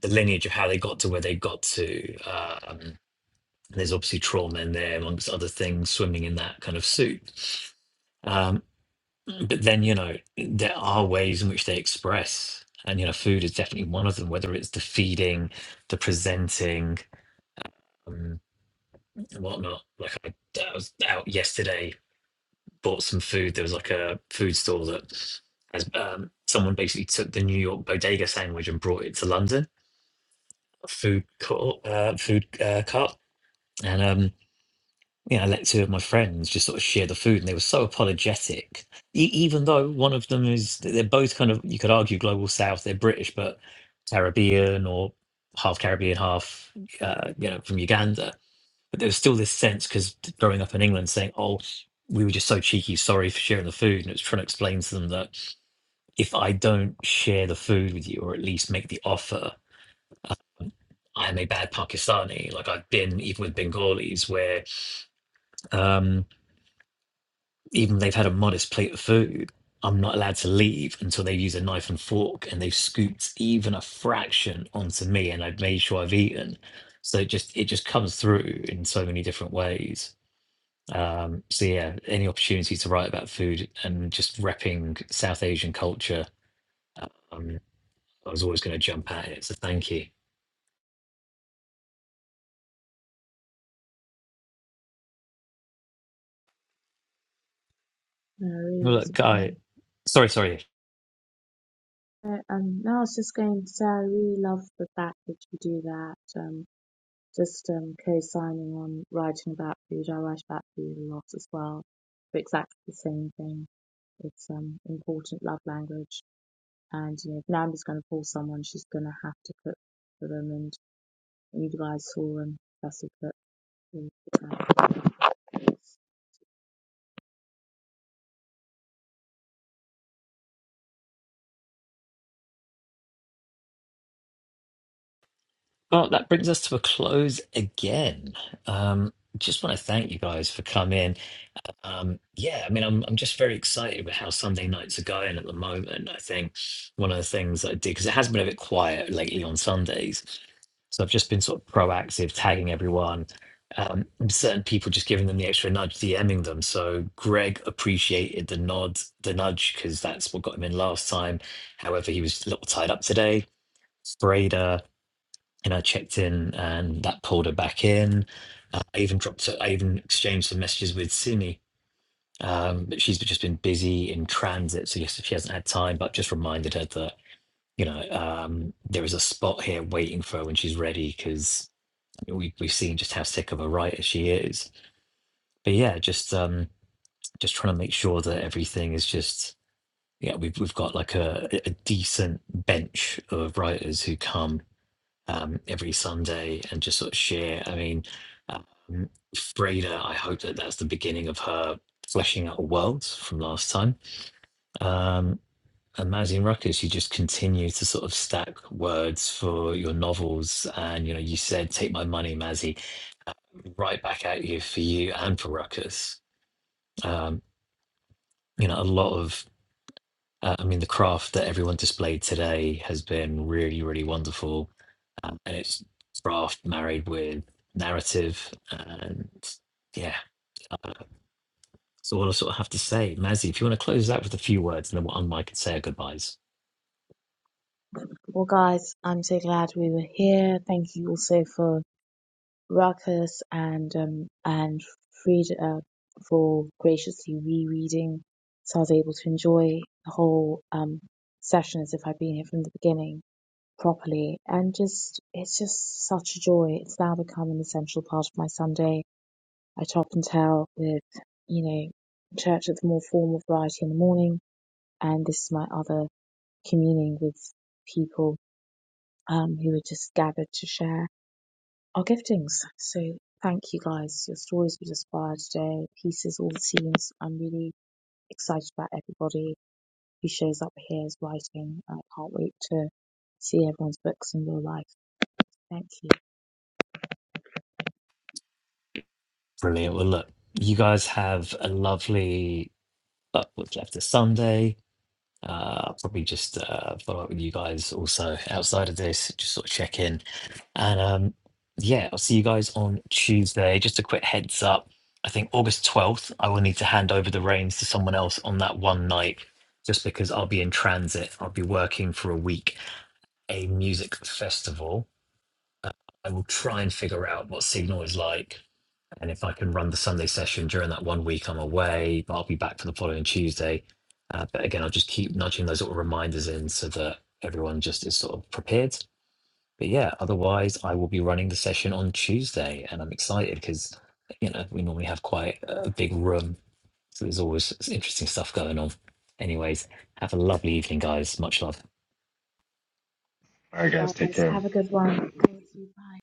S1: the lineage of how they got to where they got to. um, There's obviously trauma in there, amongst other things, swimming in that kind of suit. Um, but then, you know, there are ways in which they express. And, you know, food is definitely one of them, whether it's the feeding, the presenting, um, and whatnot. Like, I, I was out yesterday, bought some food. There was like a food store that has um, someone basically took the New York bodega sandwich and brought it to London, a food, court, uh, food uh, cart. And um, you know, I let two of my friends just sort of share the food, and they were so apologetic. E- even though one of them is, they're both kind of, you could argue, global south. They're British, but Caribbean or half Caribbean, half, uh, you know, from Uganda. But there was still this sense because growing up in England, saying, "Oh, we were just so cheeky, sorry for sharing the food," and it was trying to explain to them that if I don't share the food with you, or at least make the offer. um, I'm a bad Pakistani. Like I've been, even with Bengalis, where Um, even if they've had a modest plate of food, I'm not allowed to leave until they've used a knife and fork and they've scooped even a fraction onto me and I've made sure I've eaten. So it just it just comes through in so many different ways. Um, so yeah, any opportunity to write about food and just repping South Asian culture, um, I was always going to jump at it. So thank you.
S3: No,
S1: Well,
S3: it was
S1: look,
S3: a
S1: guy, sorry, sorry.
S3: Uh, Um, no, I was just going to say I really love the fact that you do that. Um, just um, co-signing on writing about food. I write about food a lot as well, for exactly the same thing. It's um important love language, and you know, if Nanda's going to call someone, she's going to have to cook for them. And you guys saw them. Bessie cook. for Nanda.
S1: Well, that brings us to a close again. Um, just want to thank you guys for coming. Um, yeah, I mean, I'm I'm just very excited with how Sunday nights are going at the moment. I think one of the things I did because it has been a bit quiet lately on Sundays, so I've just been sort of proactive, tagging everyone, um, and certain people, just giving them the extra nudge, DMing them. So Greg appreciated the nod, the nudge, because that's what got him in last time. However, he was a little tied up today. Freda, and I checked in, and that pulled her back in. Uh, I even dropped, I even exchanged some messages with Simi um, but she's just been busy in transit, so yes, she hasn't had time. But just reminded her that you know um, there is a spot here waiting for her when she's ready, because we, we've seen just how sick of a writer she is. But yeah, just um, just trying to make sure that everything is just yeah, we've we've got like a, a decent bench of writers who come um, every Sunday and just sort of share. I mean, um, Freda, I hope that that's the beginning of her fleshing out a world from last time Um, and Magazine Ruckus, you just continue to sort of stack words for your novels. And, you know, you said, take my money, Mazzy, uh, right back at you for you and for Ruckus. Um, you know, a lot of, uh, I mean, the craft that everyone displayed today has been really, really wonderful. Um, and it's craft married with narrative. And yeah, That's all I sort of have to say. Mazzy, if you want to close out with a few words, and then we'll unmic and say our goodbyes.
S3: Well, guys, I'm so glad we were here. Thank you also for Ruckus and um, and Frida for graciously rereading. So I was able to enjoy the whole um, session as if I'd been here from the beginning properly. And just, it's just such a joy. It's now become an essential part of my Sunday. I top and tail with, you know, church with more formal variety in the morning. And this is my other communing with people um, who are just gathered to share our giftings. So thank you guys. Your stories was inspired today. Pieces, all the teams. I'm really excited about everybody who shows up here is writing. I can't wait to see everyone's books in real life. Thank you.
S1: Brilliant. Well, look, you guys have a lovely uh, what's left of Sunday. Uh, I'll probably just uh, follow up with you guys also outside of this, just sort of check in. And um, yeah, I'll see you guys on Tuesday. Just a quick heads up. I think August 12th, I will need to hand over the reins to someone else on that one night, just because I'll be in transit. I'll be working for a week, a music festival. I will try and figure out what Signal is like. And if I can run the Sunday session during that one week, I'm away, but I'll be back for the following Tuesday. Uh, but again, I'll just keep nudging those little reminders in so that everyone just is sort of prepared but yeah, otherwise, I will be running the session on Tuesday, and I'm excited because, you know, we normally have quite a big room, so there's always s- interesting stuff going on. Anyways, have a lovely evening, guys. Much love.
S4: All right, guys, take
S3: Guys,
S4: care.
S3: have a good one. Thank you. Bye.